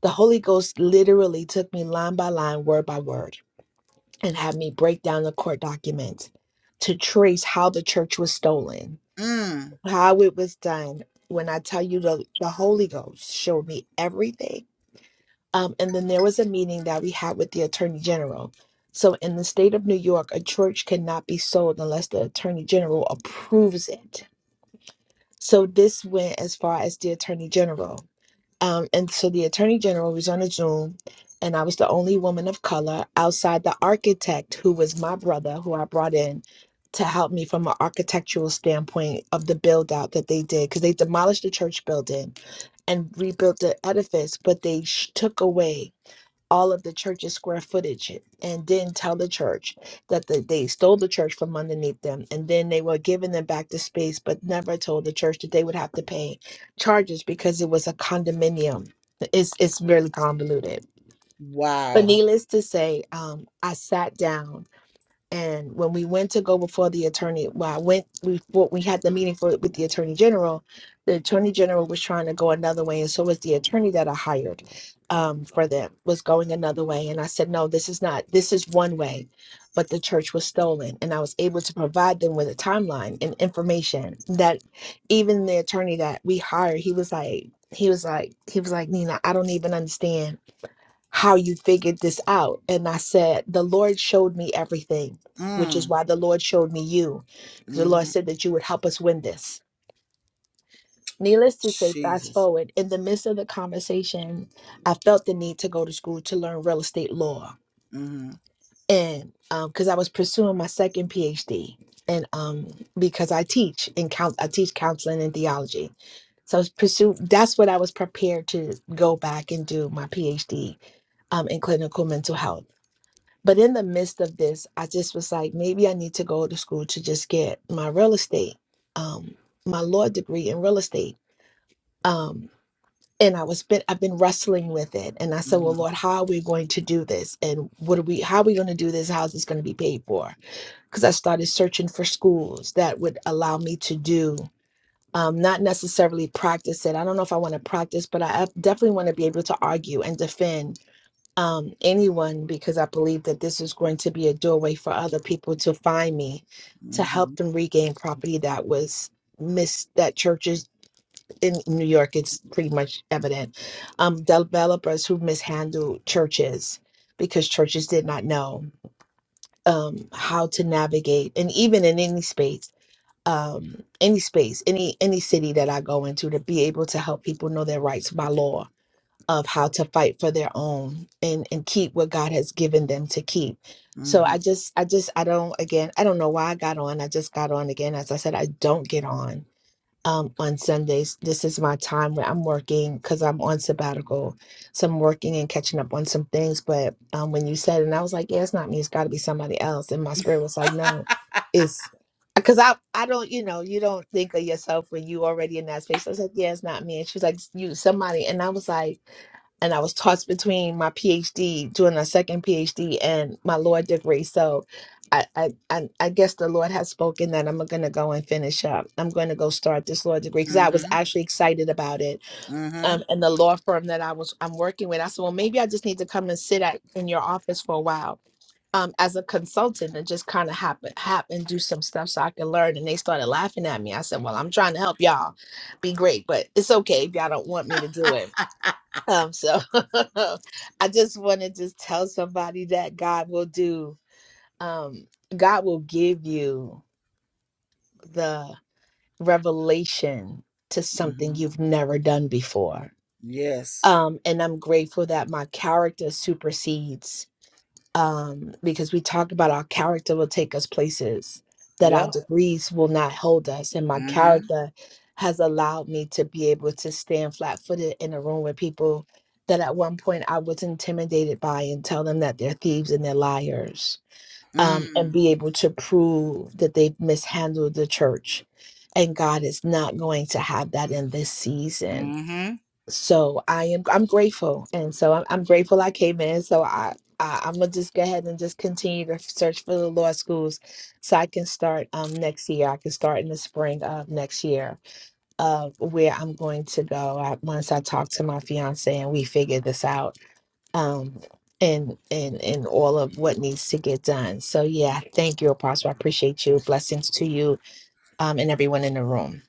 Speaker 4: the Holy Ghost literally took me line by line, word by word, and had me break down the court document to trace how the church was stolen, how it was done. When I tell you the, the Holy Ghost showed me everything. Um, and then there was a meeting that we had with the Attorney General. So, in the state of New York, a church cannot be sold unless the Attorney General approves it. So, this went as far as the Attorney General. Um, and so the attorney general was on a Zoom, and I was the only woman of color outside the architect, who was my brother, who I brought in to help me from an architectural standpoint of the build out that they did, because they demolished the church building and rebuilt the edifice, but they sh- took away all of the church's square footage and then tell the church that the, they stole the church from underneath them and then they were giving them back the space but never told the church that they would have to pay charges because it was a condominium it's it's really convoluted but needless to say um, i sat down and when we went to go before the attorney, well, I went we well, we had the meeting for with the attorney general. The attorney general was trying to go another way, and so was the attorney that I hired um, for them was going another way. And I said, no, this is not. This is one way, but the church was stolen, and I was able to provide them with a timeline and information that even the attorney that we hired, he was like, he was like, he was like, Nina, I don't even understand how you figured this out. And I said, The Lord showed me everything, which is why the Lord showed me you, because the Lord said that you would help us win this. Needless to say, fast forward, in the midst of the conversation, I felt the need to go to school to learn real estate law. And because I was pursuing my second PhD, and um, because I teach in count, I teach counseling and theology. So I was pursue that's what I was prepared to go back and do my PhD um, in clinical mental health. But in the midst of this, I just was like, maybe I need to go to school to just get my real estate, um, my law degree in real estate. Um, and I was been I've been wrestling with it. And I said, Well, Lord, how are we going to do this? And what are we how are we going to do this? How's this going to be paid for? Because I started searching for schools that would allow me to do um, not necessarily practice it. I don't know if I want to practice, but I I definitely want to be able to argue and defend um, anyone because I believe that this is going to be a doorway for other people to find me to help them regain property that was missed that churches in New York it's pretty much evident um developers who mishandled churches because churches did not know um how to navigate and even in any space um any space any any city that I go into to be able to help people know their rights by law of how to fight for their own and and keep what God has given them to keep. So I just I just I don't again I don't know why I got on. I just got on again. As I said, I don't get on um on Sundays. This is my time where I'm working because I'm on sabbatical. So I'm working and catching up on some things. But um when you said and I was like, yeah, it's not me, it's gotta be somebody else. And my spirit was like, no, it's because I I don't you know you don't think of yourself when you already in that space. I was like, yeah, it's not me. And she was like, you somebody. And I was like and I was tossed between my PhD, doing a second PhD, and my law degree. So, I I I, I guess the Lord has spoken that I'm going to go and finish up. I'm going to go start this law degree because I was actually excited about it. Um, and the law firm that I was I'm working with, I said, well, maybe I just need to come and sit at in your office for a while. Um, as a consultant and just kind of happen happen do some stuff so I can learn and they started laughing at me. I said, Well, I'm trying to help y'all be great, but it's okay if y'all don't want me to do it um, so I just want to just tell somebody that God will do, um, God will give you the revelation to something you've never done before. Um, and I'm grateful that my character supersedes um, because we talk about our character will take us places that our degrees will not hold us. And my character has allowed me to be able to stand flat footed in a room with people that at one point I was intimidated by and tell them that they're thieves and they're liars um, and be able to prove that they've mishandled the church. And God is not going to have that in this season so I am I'm grateful, and so I'm, I'm grateful I came in. So I, I I'm gonna just go ahead and just continue to search for the law schools, so I can start um next year. I can start in the spring of next year of where I'm going to go. I, once I talk to my fiance and we figure this out. Um. And, and and all of what needs to get done. So yeah, thank you, Apostle. I appreciate you. Blessings to you um, and everyone in the room.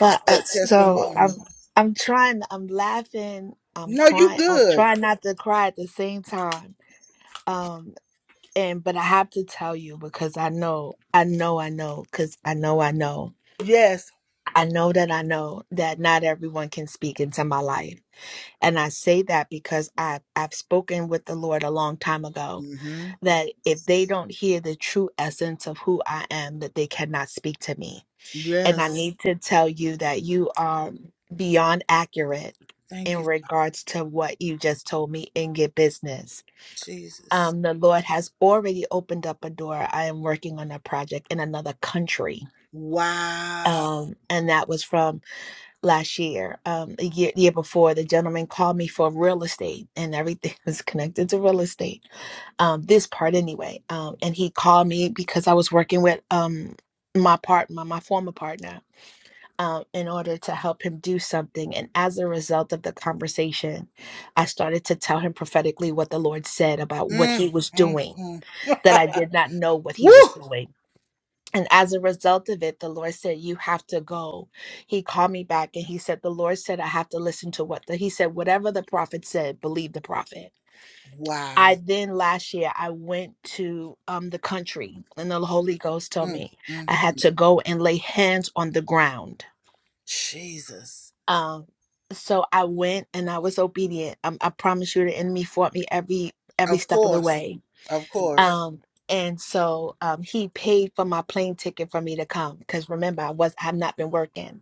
Speaker 4: But uh, so I'm I'm trying I'm laughing, I'm crying. I'm trying not to cry at the same time. Um and but I have to tell you because I know I know I know cuz I know I know. I know that I know that not everyone can speak into my life. And I say that because I've, I've spoken with the Lord a long time ago that if they don't hear the true essence of who I am, that they cannot speak to me. And I need to tell you that you are beyond accurate in regards to what you just told me in your business. Um, the Lord has already opened up a door. I am working on a project in another country. Um, and that was from last year, um, a year year before, the gentleman called me for real estate, and everything was connected to real estate. Um, this part anyway. Um, and he called me because I was working with um my part my, my former partner. Um, in order to help him do something. And as a result of the conversation, I started to tell him prophetically what the Lord said about what he was doing, that I did not know what he was doing and as a result of it, the Lord said, You have to go. He called me back and he said, The Lord said, I have to listen to what the, he said, whatever the prophet said, believe the prophet. I then last year I went to um the country and the Holy Ghost told me I had to go and lay hands on the ground. Um so I went and I was obedient. Um, I promise you the enemy fought me every every step of the way um, and so um, he paid for my plane ticket for me to come because remember I was I've not been working.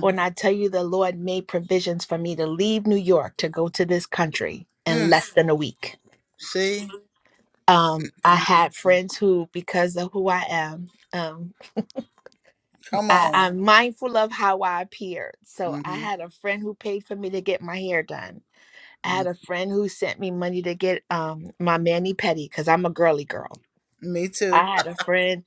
Speaker 4: When I tell you the Lord made provisions for me to leave New York to go to this country in less than a week. Um, I had friends who, because of who I am, um, I, I'm mindful of how I appear. So I had a friend who paid for me to get my hair done. I had a friend who sent me money to get um, my mani pedi because I'm a girly girl. I had a friend.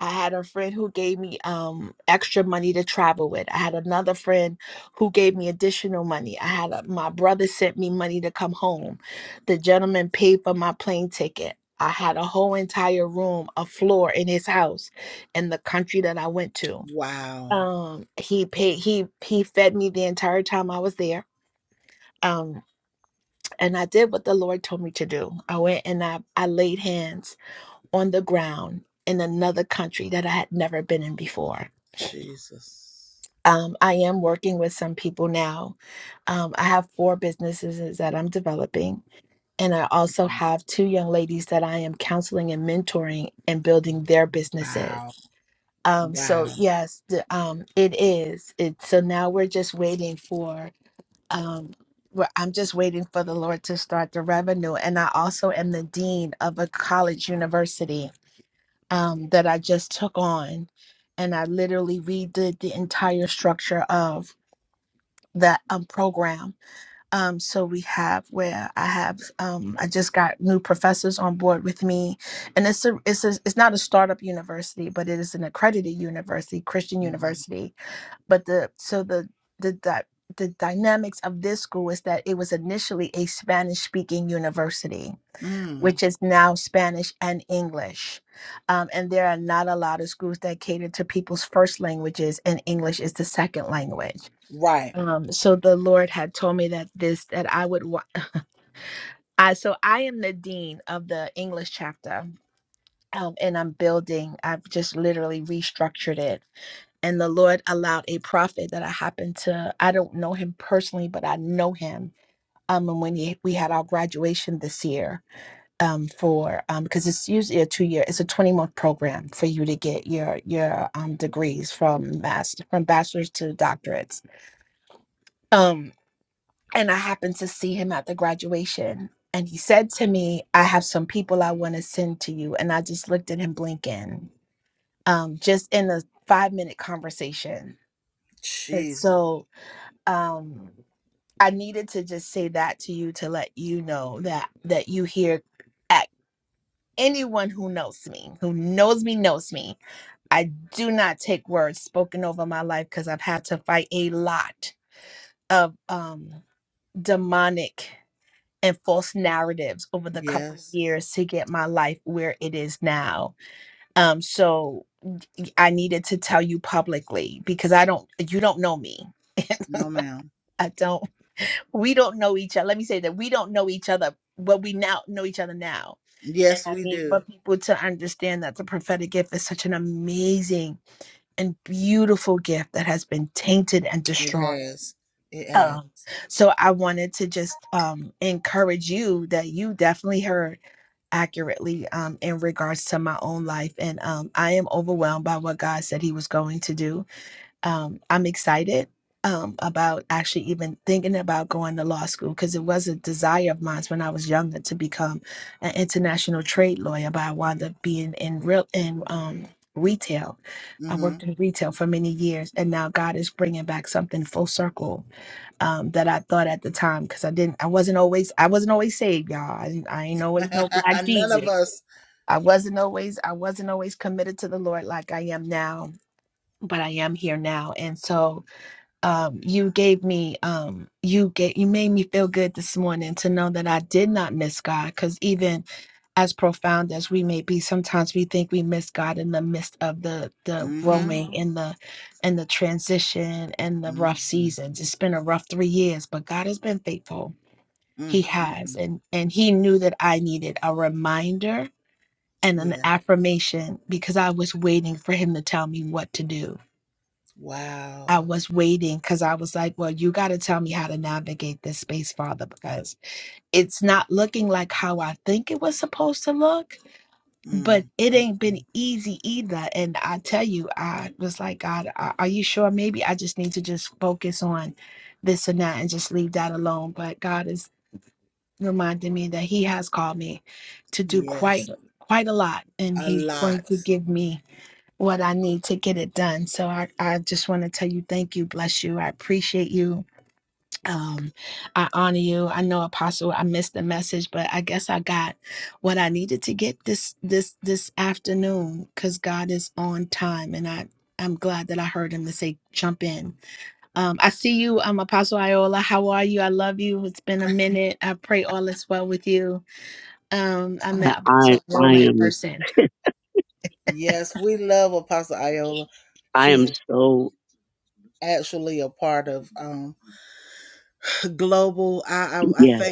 Speaker 4: I had a friend who gave me um extra money to travel with. I had another friend who gave me additional money. I had a, my brother sent me money to come home. The gentleman paid for my plane ticket. I had a whole entire room, a floor in his house in the country that I went to. Um he paid he he fed me the entire time I was there. Um and I did what the Lord told me to do. I went and I I laid hands on the ground in another country that I had never been in before. Um, I am working with some people now. Um, I have four businesses that I'm developing, and I also have two young ladies that I am counseling and mentoring and building their businesses. Um, so yes, the, um, it is. It, so now we're just waiting for. Um, we're, I'm just waiting for the Lord to start the revenue, and I also am the dean of a college university um, that I just took on, and I literally redid the entire structure of that um, program. Um, so we have where I have um, I just got new professors on board with me, and it's a it's a, it's not a startup university, but it is an accredited university, Christian university. But the so the the di- the dynamics of this school is that it was initially a Spanish speaking university which is now Spanish and English. Um, and there are not a lot of schools that cater to people's first languages, and English is the second language. Um, so the Lord had told me that this that I would. Wa- I so I am the dean of the English chapter. Um, and I'm building. I've just literally restructured it. And the Lord allowed a prophet that I happen to. I don't know him personally, but I know him. Um, and when he, we had our graduation this year, um, for um, because it's usually a two year, it's a twenty month program for you to get your your um, degrees from master from bachelor's to doctorates. Um, and I happened to see him at the graduation, and he said to me, "I have some people I want to send to you," and I just looked at him blinking, um, just in a five minute conversation. And so um, I needed to just say that to you to let you know that that you hear. anyone who knows me, who knows me, knows me. I do not take words spoken over my life because I've had to fight a lot of um, demonic and false narratives over the couple of years to get my life where it is now. Um, so I needed to tell you publicly because I don't, you don't know me. I don't, we don't know each other. Let me say that we don't know each other, but we now know each other now. And I need for people to understand that the prophetic gift is such an amazing and beautiful gift that has been tainted and destroyed. Um, so I wanted to just um, encourage you that you definitely heard accurately um, in regards to my own life, and um, I am overwhelmed by what God said He was going to do um, I'm excited um, about actually even thinking about going to law school because it was a desire of mine when I was younger to become an international trade lawyer, but I wound up being in real in um, retail. I worked in retail for many years, and now God is bringing back something full circle um, that I thought at the time because I didn't, I wasn't always, I wasn't always saved, y'all. I, didn't- I ain't always no black Jesus. I wasn't always, I wasn't always committed to the Lord like I am now but I am here now. And so um, you gave me, um, you get, you made me feel good this morning to know that I did not miss God. Because even as profound as we may be, sometimes we think we miss God in the midst of the the growing and the and the transition and the rough seasons. It's been a rough three years, but God has been faithful. He has, and and He knew that I needed a reminder and an affirmation because I was waiting for Him to tell me what to do I was waiting because I was like, well, you got to tell me how to navigate this space, Father, because it's not looking like how I think it was supposed to look, but it ain't been easy either. And I tell you, I was like, God, are are you sure? Maybe I just need to just focus on this and that and just leave that alone. But God is reminding me that He has called me to do quite quite a lot and he's going to give me what I need to get it done. So I, I just want to tell you thank you, bless you. I appreciate you. Um, I honor you. I know Apostle, I missed the message, but I guess I got what I needed to get this this this afternoon because God is on time and I I'm glad that I heard him to say jump in. Um, I see you, um, Apostle Iola. How are you? I love you. It's been a minute. I pray all is well with you. Um, I
Speaker 5: I,
Speaker 4: met
Speaker 5: I
Speaker 4: Apostle
Speaker 5: I
Speaker 4: Iola in
Speaker 5: am
Speaker 4: person.
Speaker 5: I am so yes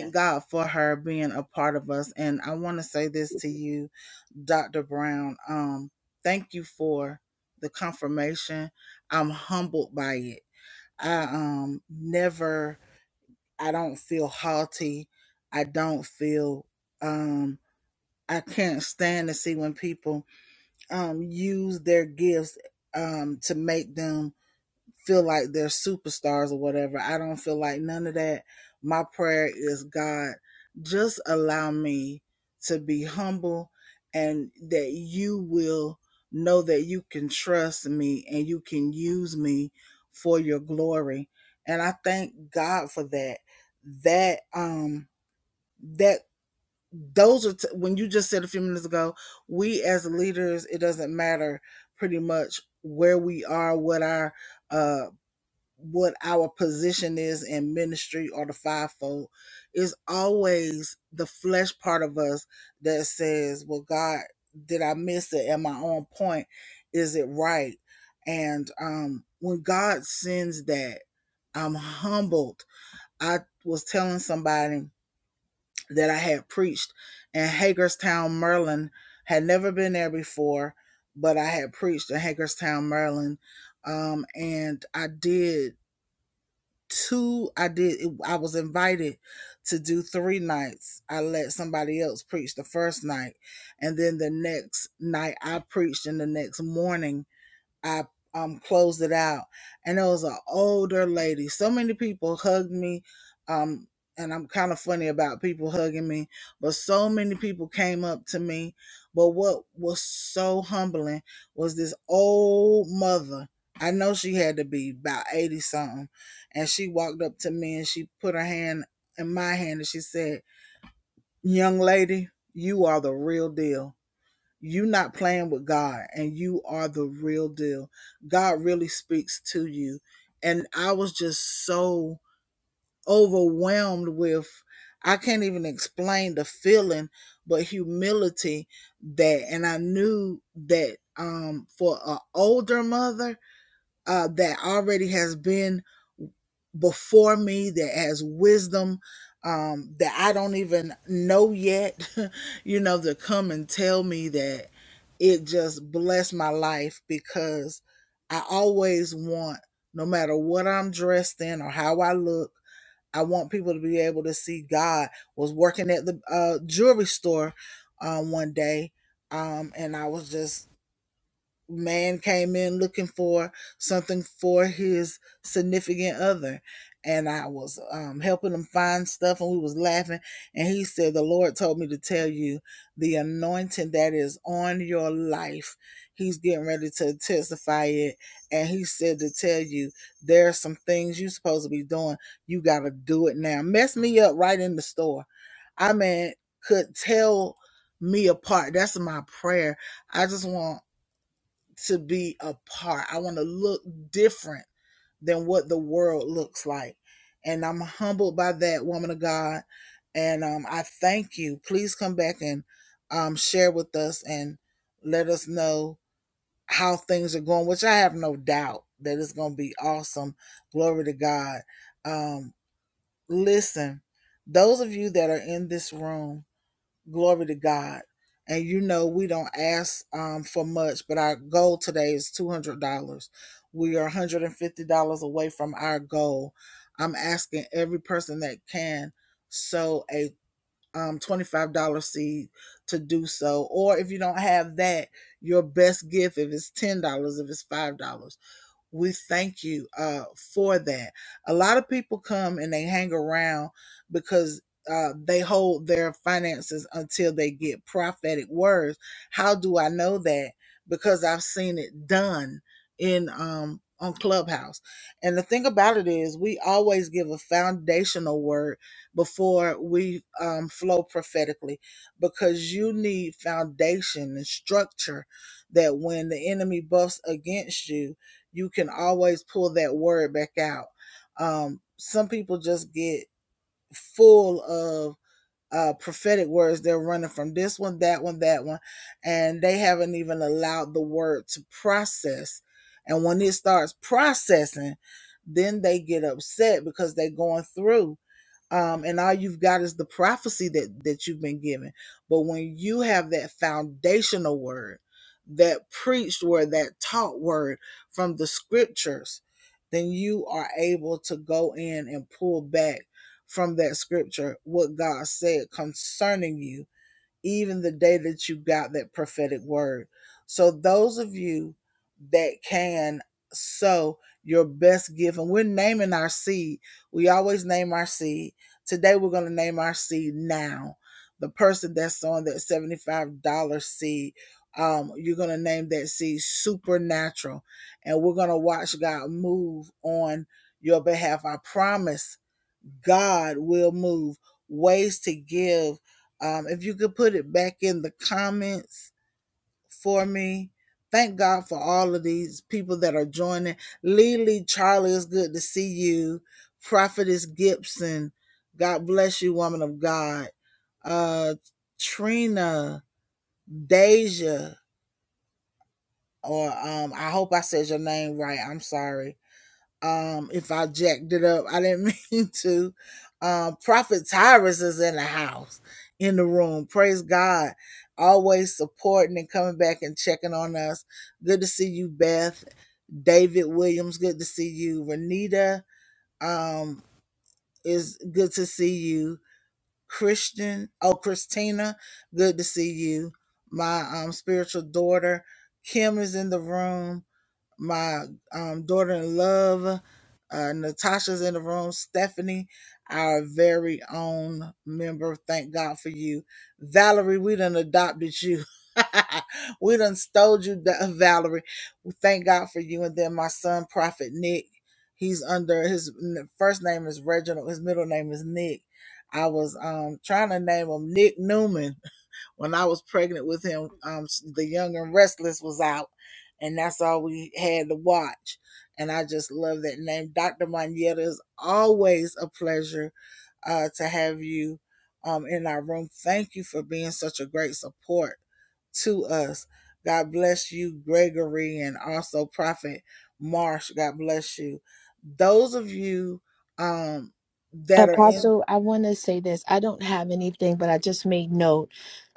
Speaker 4: Apostle, I want to say this. I don't have anything, but I just made note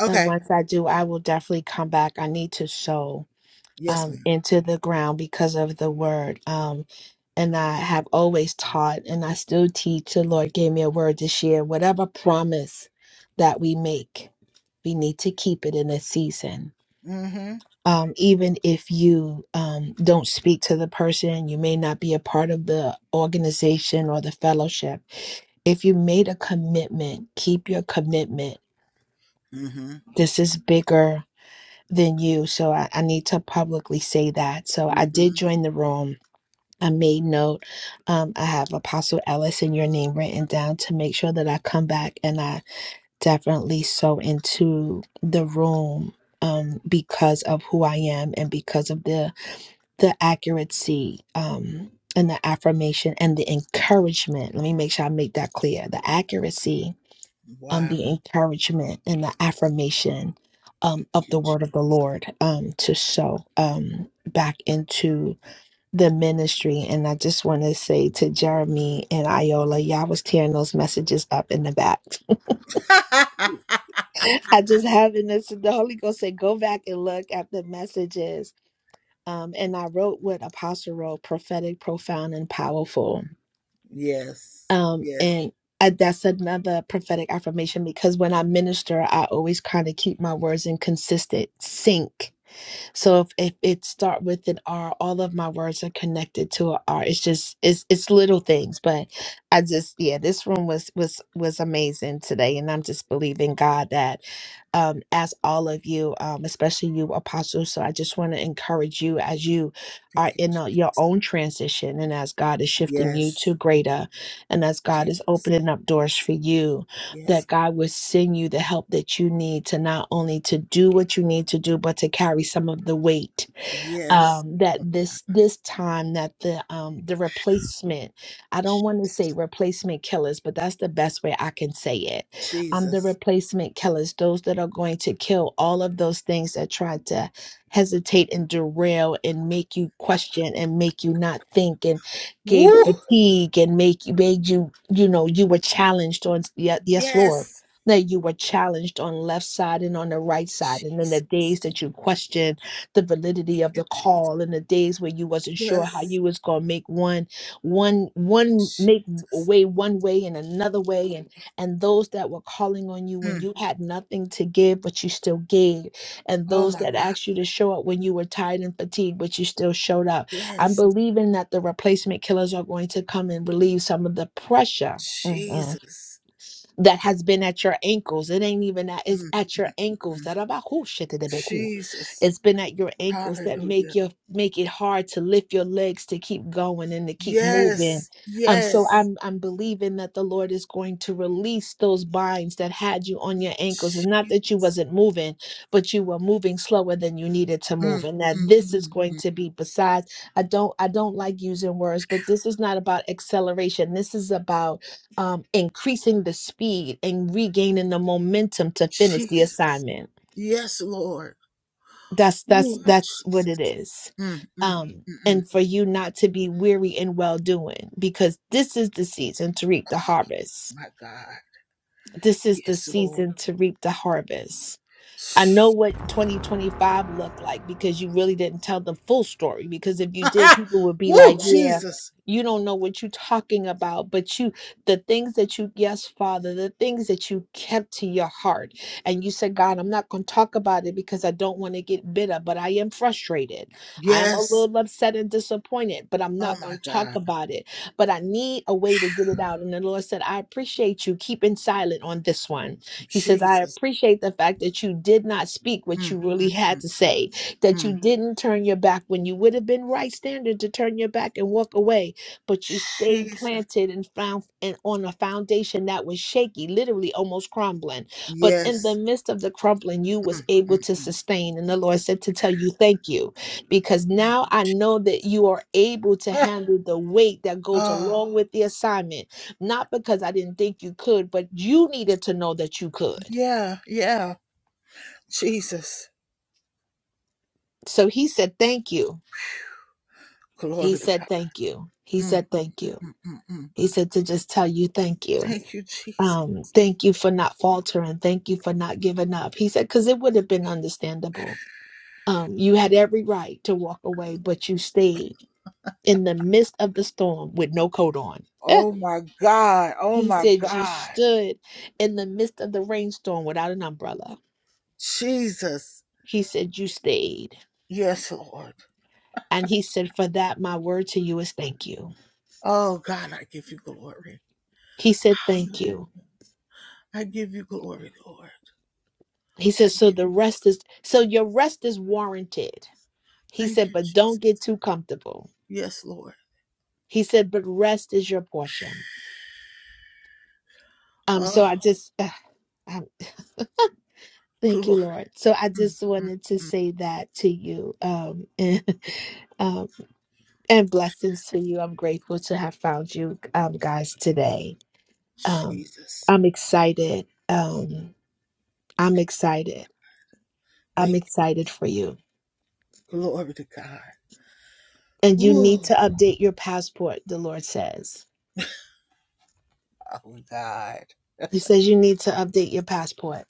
Speaker 4: that once I do, I will definitely come back. I need to sow um, into the ground because of the word. Um, and I have always taught, and I still teach. The Lord gave me a word this year. Whatever promise that we make, we need to keep it in a season. Um, even if you um, don't speak to the person, you may not be a part of the organization or the fellowship if you made a commitment, keep your commitment. This is bigger than you. So I, I need to publicly say that. So I did join the room. I made note. Um, I have Apostle Ellis and your name written down to make sure that I come back and I definitely sow into the room um, because of who I am and because of the the accuracy um, and the affirmation and the encouragement. Let me make sure I make that clear. The accuracy um, the encouragement and the affirmation um, of the word of the Lord um, to sow um, back into the ministry. And I just want to say to Jeremy and Iola, y'all was tearing those messages up in the back. I just having this, the Holy Ghost said, go back and look at the messages. Um, and I wrote what Apostle wrote prophetic, profound, and powerful um and I, that's another prophetic affirmation because when I minister, I always kind of keep my words in consistent sync so if, if it start with an R, all of my words are connected to an R. It's just it's it's little things, but I just yeah, this room was was was amazing today, and I'm just believing God that um, as all of you, um, especially you apostles. So I just want to encourage you as you are in a, your own transition, and as God is shifting you to greater, and as God is opening up doors for you that God will send you the help that you need to not only to do what you need to do, but to carry some of the weight um, that this this time that the um, the replacement I don't want to say replacement killers, but that's the best way I can say it. Um, the replacement killers, those that are going to kill all of those things that try to hesitate and derail and make you question and make you not think and gave fatigue and make you made you you know you were challenged on yes, yes Lord. That you were challenged on left side and on the right side, and then the days that you questioned the validity of the call in the days where you wasn't sure how you was gonna make one one one make way one way and another way and and those that were calling on you when you had nothing to give but you still gave and those that asked you to show up when you were tired and fatigued but you still showed up i'm believing that the replacement killers are going to come and relieve some of the pressure that has been at your ankles. It ain't even that, it's at your ankles. Zarabahu-shetedebeku. It's been at your ankles that make your make it hard to lift your legs to keep going and to keep moving. Um, so I'm I'm believing that the Lord is going to release those binds that had you on your ankles. It's not that you wasn't moving, but you were moving slower than you needed to move. And that this is going to be besides, I don't I don't like using words, but this is not about acceleration. This is about um, increasing the speed and regaining the momentum to finish the assignment. That's that's that's what it is. Um, and for you not to be weary in well doing, because this is the season to reap the harvest. This is the season to reap the harvest I know what 2025 looked like because you really didn't tell the full story. Because if you did, people would be like, yeah, you don't know what you're talking about. But you, the things that you, yes, Father, the things that you kept to your heart. And you said, God, I'm not going to talk about it because I don't want to get bitter, but I am frustrated. I am a little upset and disappointed, but I'm not going to talk about it. But I need a way to get it out. And the Lord said, I appreciate you keeping silent on this one he says, I appreciate the fact that you did not speak what you really had to say, that you didn't turn your back when you would have been right standard to turn your back and walk away, but you stayed planted and found and on a foundation that was shaky, literally almost crumbling. But in the midst of the crumbling, you was able to sustain. And the Lord said to tell you thank you, because now I know that you are able to handle the weight that goes along with the assignment not because I didn't think you could, but you needed to know that you could. So he said, Thank you. He said, Thank you. He said, Thank you. He said, To just tell you, thank you. Um, thank you for not faltering. Thank you for not giving up. He said, Because it would have been understandable. Um, you had every right to walk away, but you stayed in the midst of the storm with no coat on. Eh. He said, You stood in the midst of the rainstorm without an umbrella. He said, You stayed. And he said, For that, my word to you is thank you. He said, Thank you. He said, So the rest is, so your rest is warranted. He said, But don't get too comfortable. He said, But rest is your portion. Um, so I just, uh, um, thank you, Lord. So I just wanted to say that to you. Um, and, um, and blessings to you. I'm grateful to have found you um, guys today. Um, I'm excited. Um, I'm excited. I'm excited for you And you need to update your passport, the Lord says. He says you need to update your passport.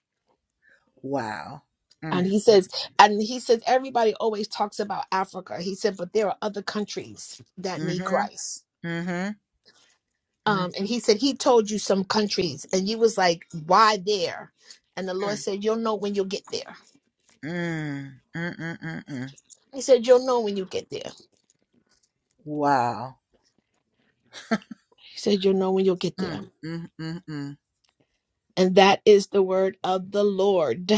Speaker 4: And he says, and he says, everybody always talks about Africa. He said, but there are other countries that need Christ. Um, and he said, he told you some countries, and you was like, why there? And the Lord said, you'll know when you'll get there. He said, you'll know when you get there. He said, you'll know when you'll get there. And that is the word of the Lord.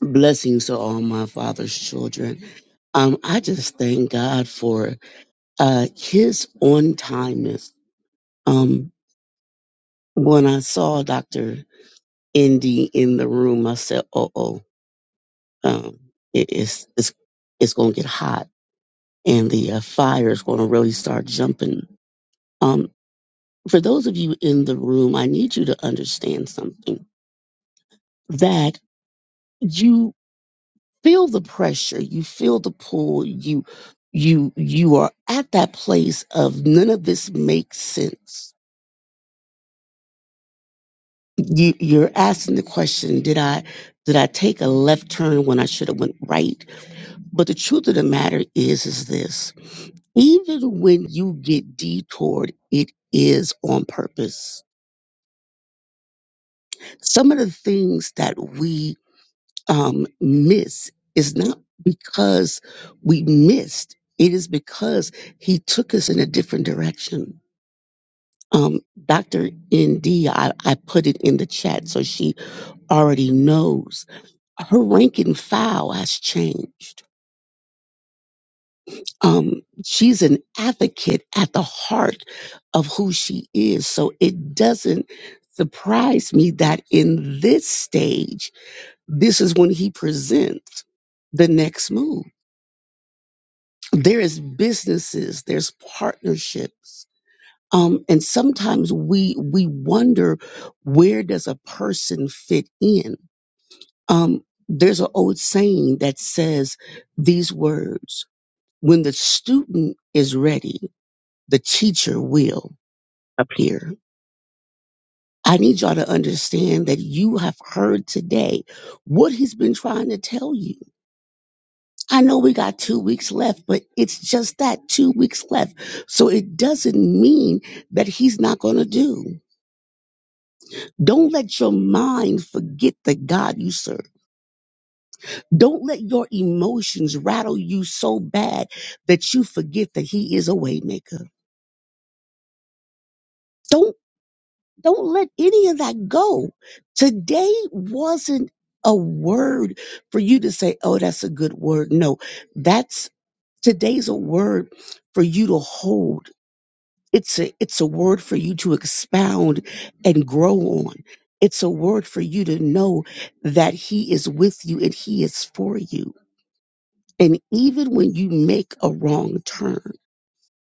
Speaker 5: blessings to all my father's children. Um, I just thank God for uh his on timeness. Um, when I saw Doctor Indy in the room, I said, "Oh oh, um, it- it's it's it's gonna get hot, and the uh, fire is gonna really start jumping." Um, for those of you in the room, I need you to understand something that. you. feel the pressure you feel the pull you you you are at that place of none of this makes sense you you're asking the question did i did i take a left turn when i should have went right but the truth of the matter is is this even when you get detoured it is on purpose some of the things that we um, miss is not because we missed. It is because he took us in a different direction. Um, Dr. ND, put it in the chat so she already knows. Her rank and file has changed. Um, she's an advocate at the heart of who she is. So it doesn't surprise me that in this stage, this is when he presents the next move there is businesses there's partnerships um, and sometimes we we wonder where does a person fit in um, there's an old saying that says these words when the student is ready the teacher will appear i need y'all to understand that you have heard today what he's been trying to tell you I know we got two weeks left, but it's just that two weeks left. So it doesn't mean that he's not going to do. Don't let your mind forget the God you serve. Don't let your emotions rattle you so bad that you forget that he is a waymaker. Don't don't let any of that go. Today wasn't a word for you to say, "Oh, that's a good word." No, that's today's a word for you to hold It's a it's a word for you to expound and grow on. It's a word for you to know that he is with you and he is for you. And even when you make a wrong turn,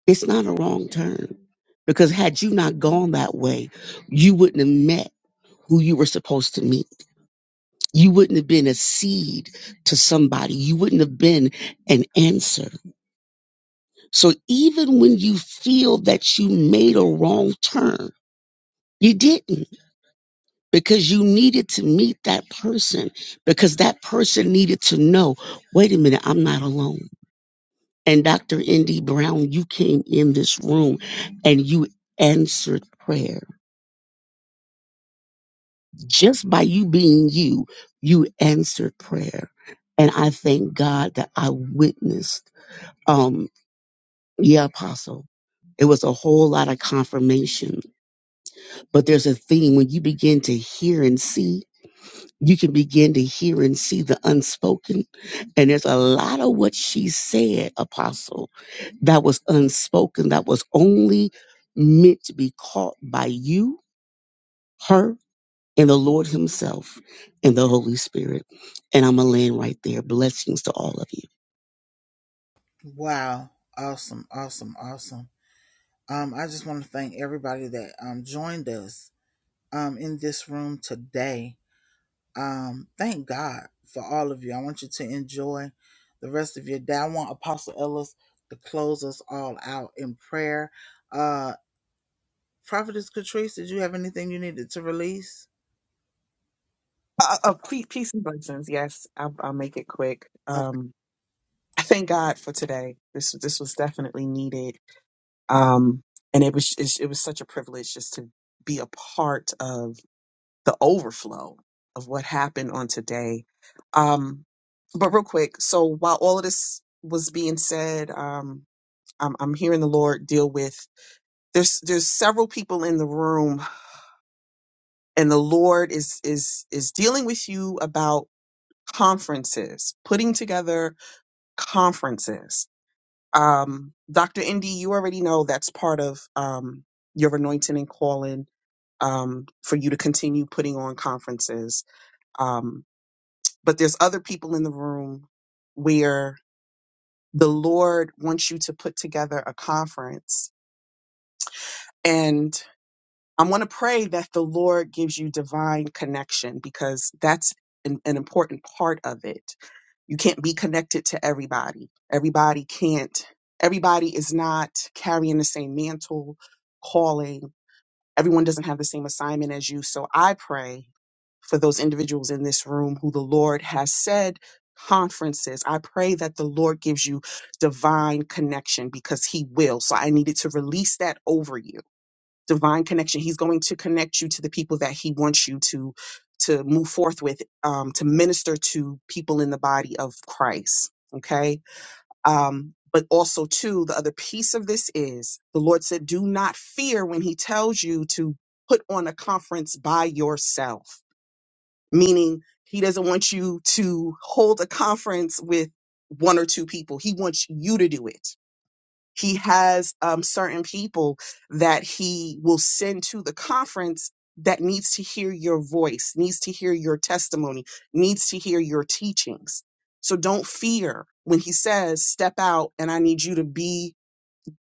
Speaker 5: it's not a wrong turn because had you not gone that way, you wouldn't have met who you were supposed to meet. You wouldn't have been a seed to somebody. You wouldn't have been an answer. So even when you feel that you made a wrong turn, you didn't because you needed to meet that person because that person needed to know wait a minute i'm not alone and dr indy brown you came in this room and you answered prayer just by you being you you answered prayer and i thank god that i witnessed um yeah apostle it was a whole lot of confirmation but there's a theme when you begin to hear and see you can begin to hear and see the unspoken. And there's a lot of what she said, Apostle, that was unspoken, that was only meant to be caught by you, her, and the Lord Himself and the Holy Spirit. And I'm going to land right there. Blessings to all of you.
Speaker 3: Uh, uh, pe- peace and blessings. Yes, I'll, I'll make it quick. Um, I thank God for today. This this was definitely needed, um, and it was it, it was such a privilege just to be a part of the overflow of what happened on today. Um, but real quick, so while all of this was being said, um, I'm, I'm hearing the Lord deal with. There's there's several people in the room and the Lord is is is dealing with you about conferences, putting together conferences. Um, Dr. Indy, you already know that's part of um, your anointing and calling um, for you to continue putting on conferences. Um, but there's other people in the room where the Lord wants you to put together a conference and. I am going to pray that the Lord gives you divine connection because that's an, an important part of it. You can't be connected to everybody. Everybody can't, everybody is not carrying the same mantle, calling. Everyone doesn't have the same assignment as you. So I pray for those individuals in this room who the Lord has said conferences. I pray that the Lord gives you divine connection because He will. So I needed to release that over you divine connection. He's going to connect you to the people that he wants you to to move forth with, um, to minister to people in the body of Christ. Okay. Um, but also too, the other piece of this is the Lord said, do not fear when he tells you to put on a conference by yourself, meaning he doesn't want you to hold a conference with one or two people. He wants you to do it he has um, certain people that he will send to the conference that needs to hear your voice, needs to hear your testimony, needs to hear your teachings. So don't fear when he says, step out and I need you to be,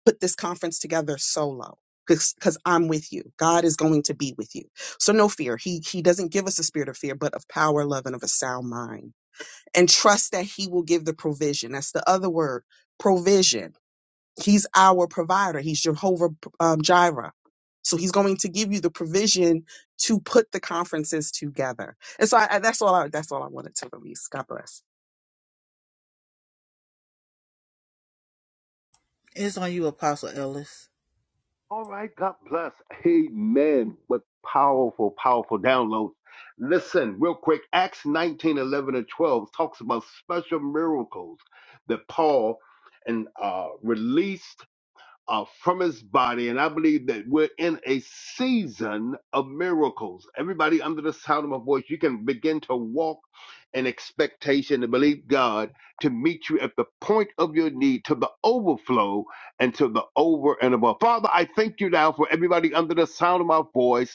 Speaker 3: put this conference together solo. Because I'm with you. God is going to be with you. So no fear. He he doesn't give us a spirit of fear, but of power, love, and of a sound mind. And trust that he will give the provision. That's the other word, provision He's our provider. He's Jehovah um, Jireh. So he's going to give you the provision to put the conferences together. And so I, I, that's all. I, that's all I wanted to release. God bless.
Speaker 2: All right, God bless. Amen. What powerful, powerful downloads. Listen, real quick, Acts 19 11 and 12 talks about special miracles that Paul and uh, released uh, from his body. And I believe that we're in a season of miracles. Everybody under the sound of my voice, you can begin to walk in expectation and believe God to meet you at the point of your need, to the overflow and to the over and above. Father, I thank you now for everybody under the sound of my voice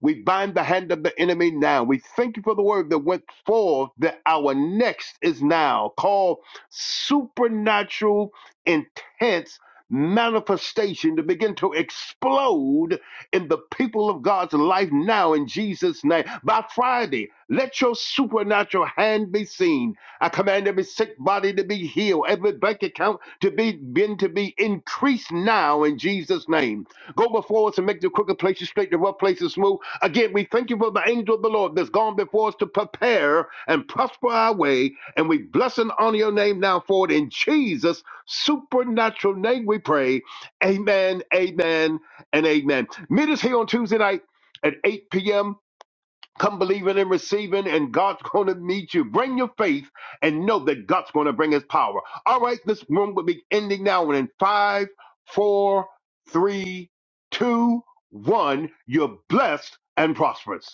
Speaker 2: we bind the hand of the enemy now. We thank you for the word that went forth that our next is now called supernatural, intense manifestation to begin to explode in the people of God's life now in Jesus' name. By Friday, let your supernatural hand be seen. I command every sick body to be healed, every bank account to be been to be increased now in Jesus' name. Go before us and make the crooked places straight, the rough places smooth Again, we thank you for the angel of the Lord that's gone before us to prepare and prosper our way. And we bless and honor your name now for it. In Jesus' supernatural name we pray. Amen, amen, and amen. Meet us here on Tuesday night at 8 p.m. Come believing and receiving, and God's going to meet you. Bring your faith and know that God's going to bring his power. All right, this room will be ending now. And in five, four, three, two, one, you're blessed and prosperous.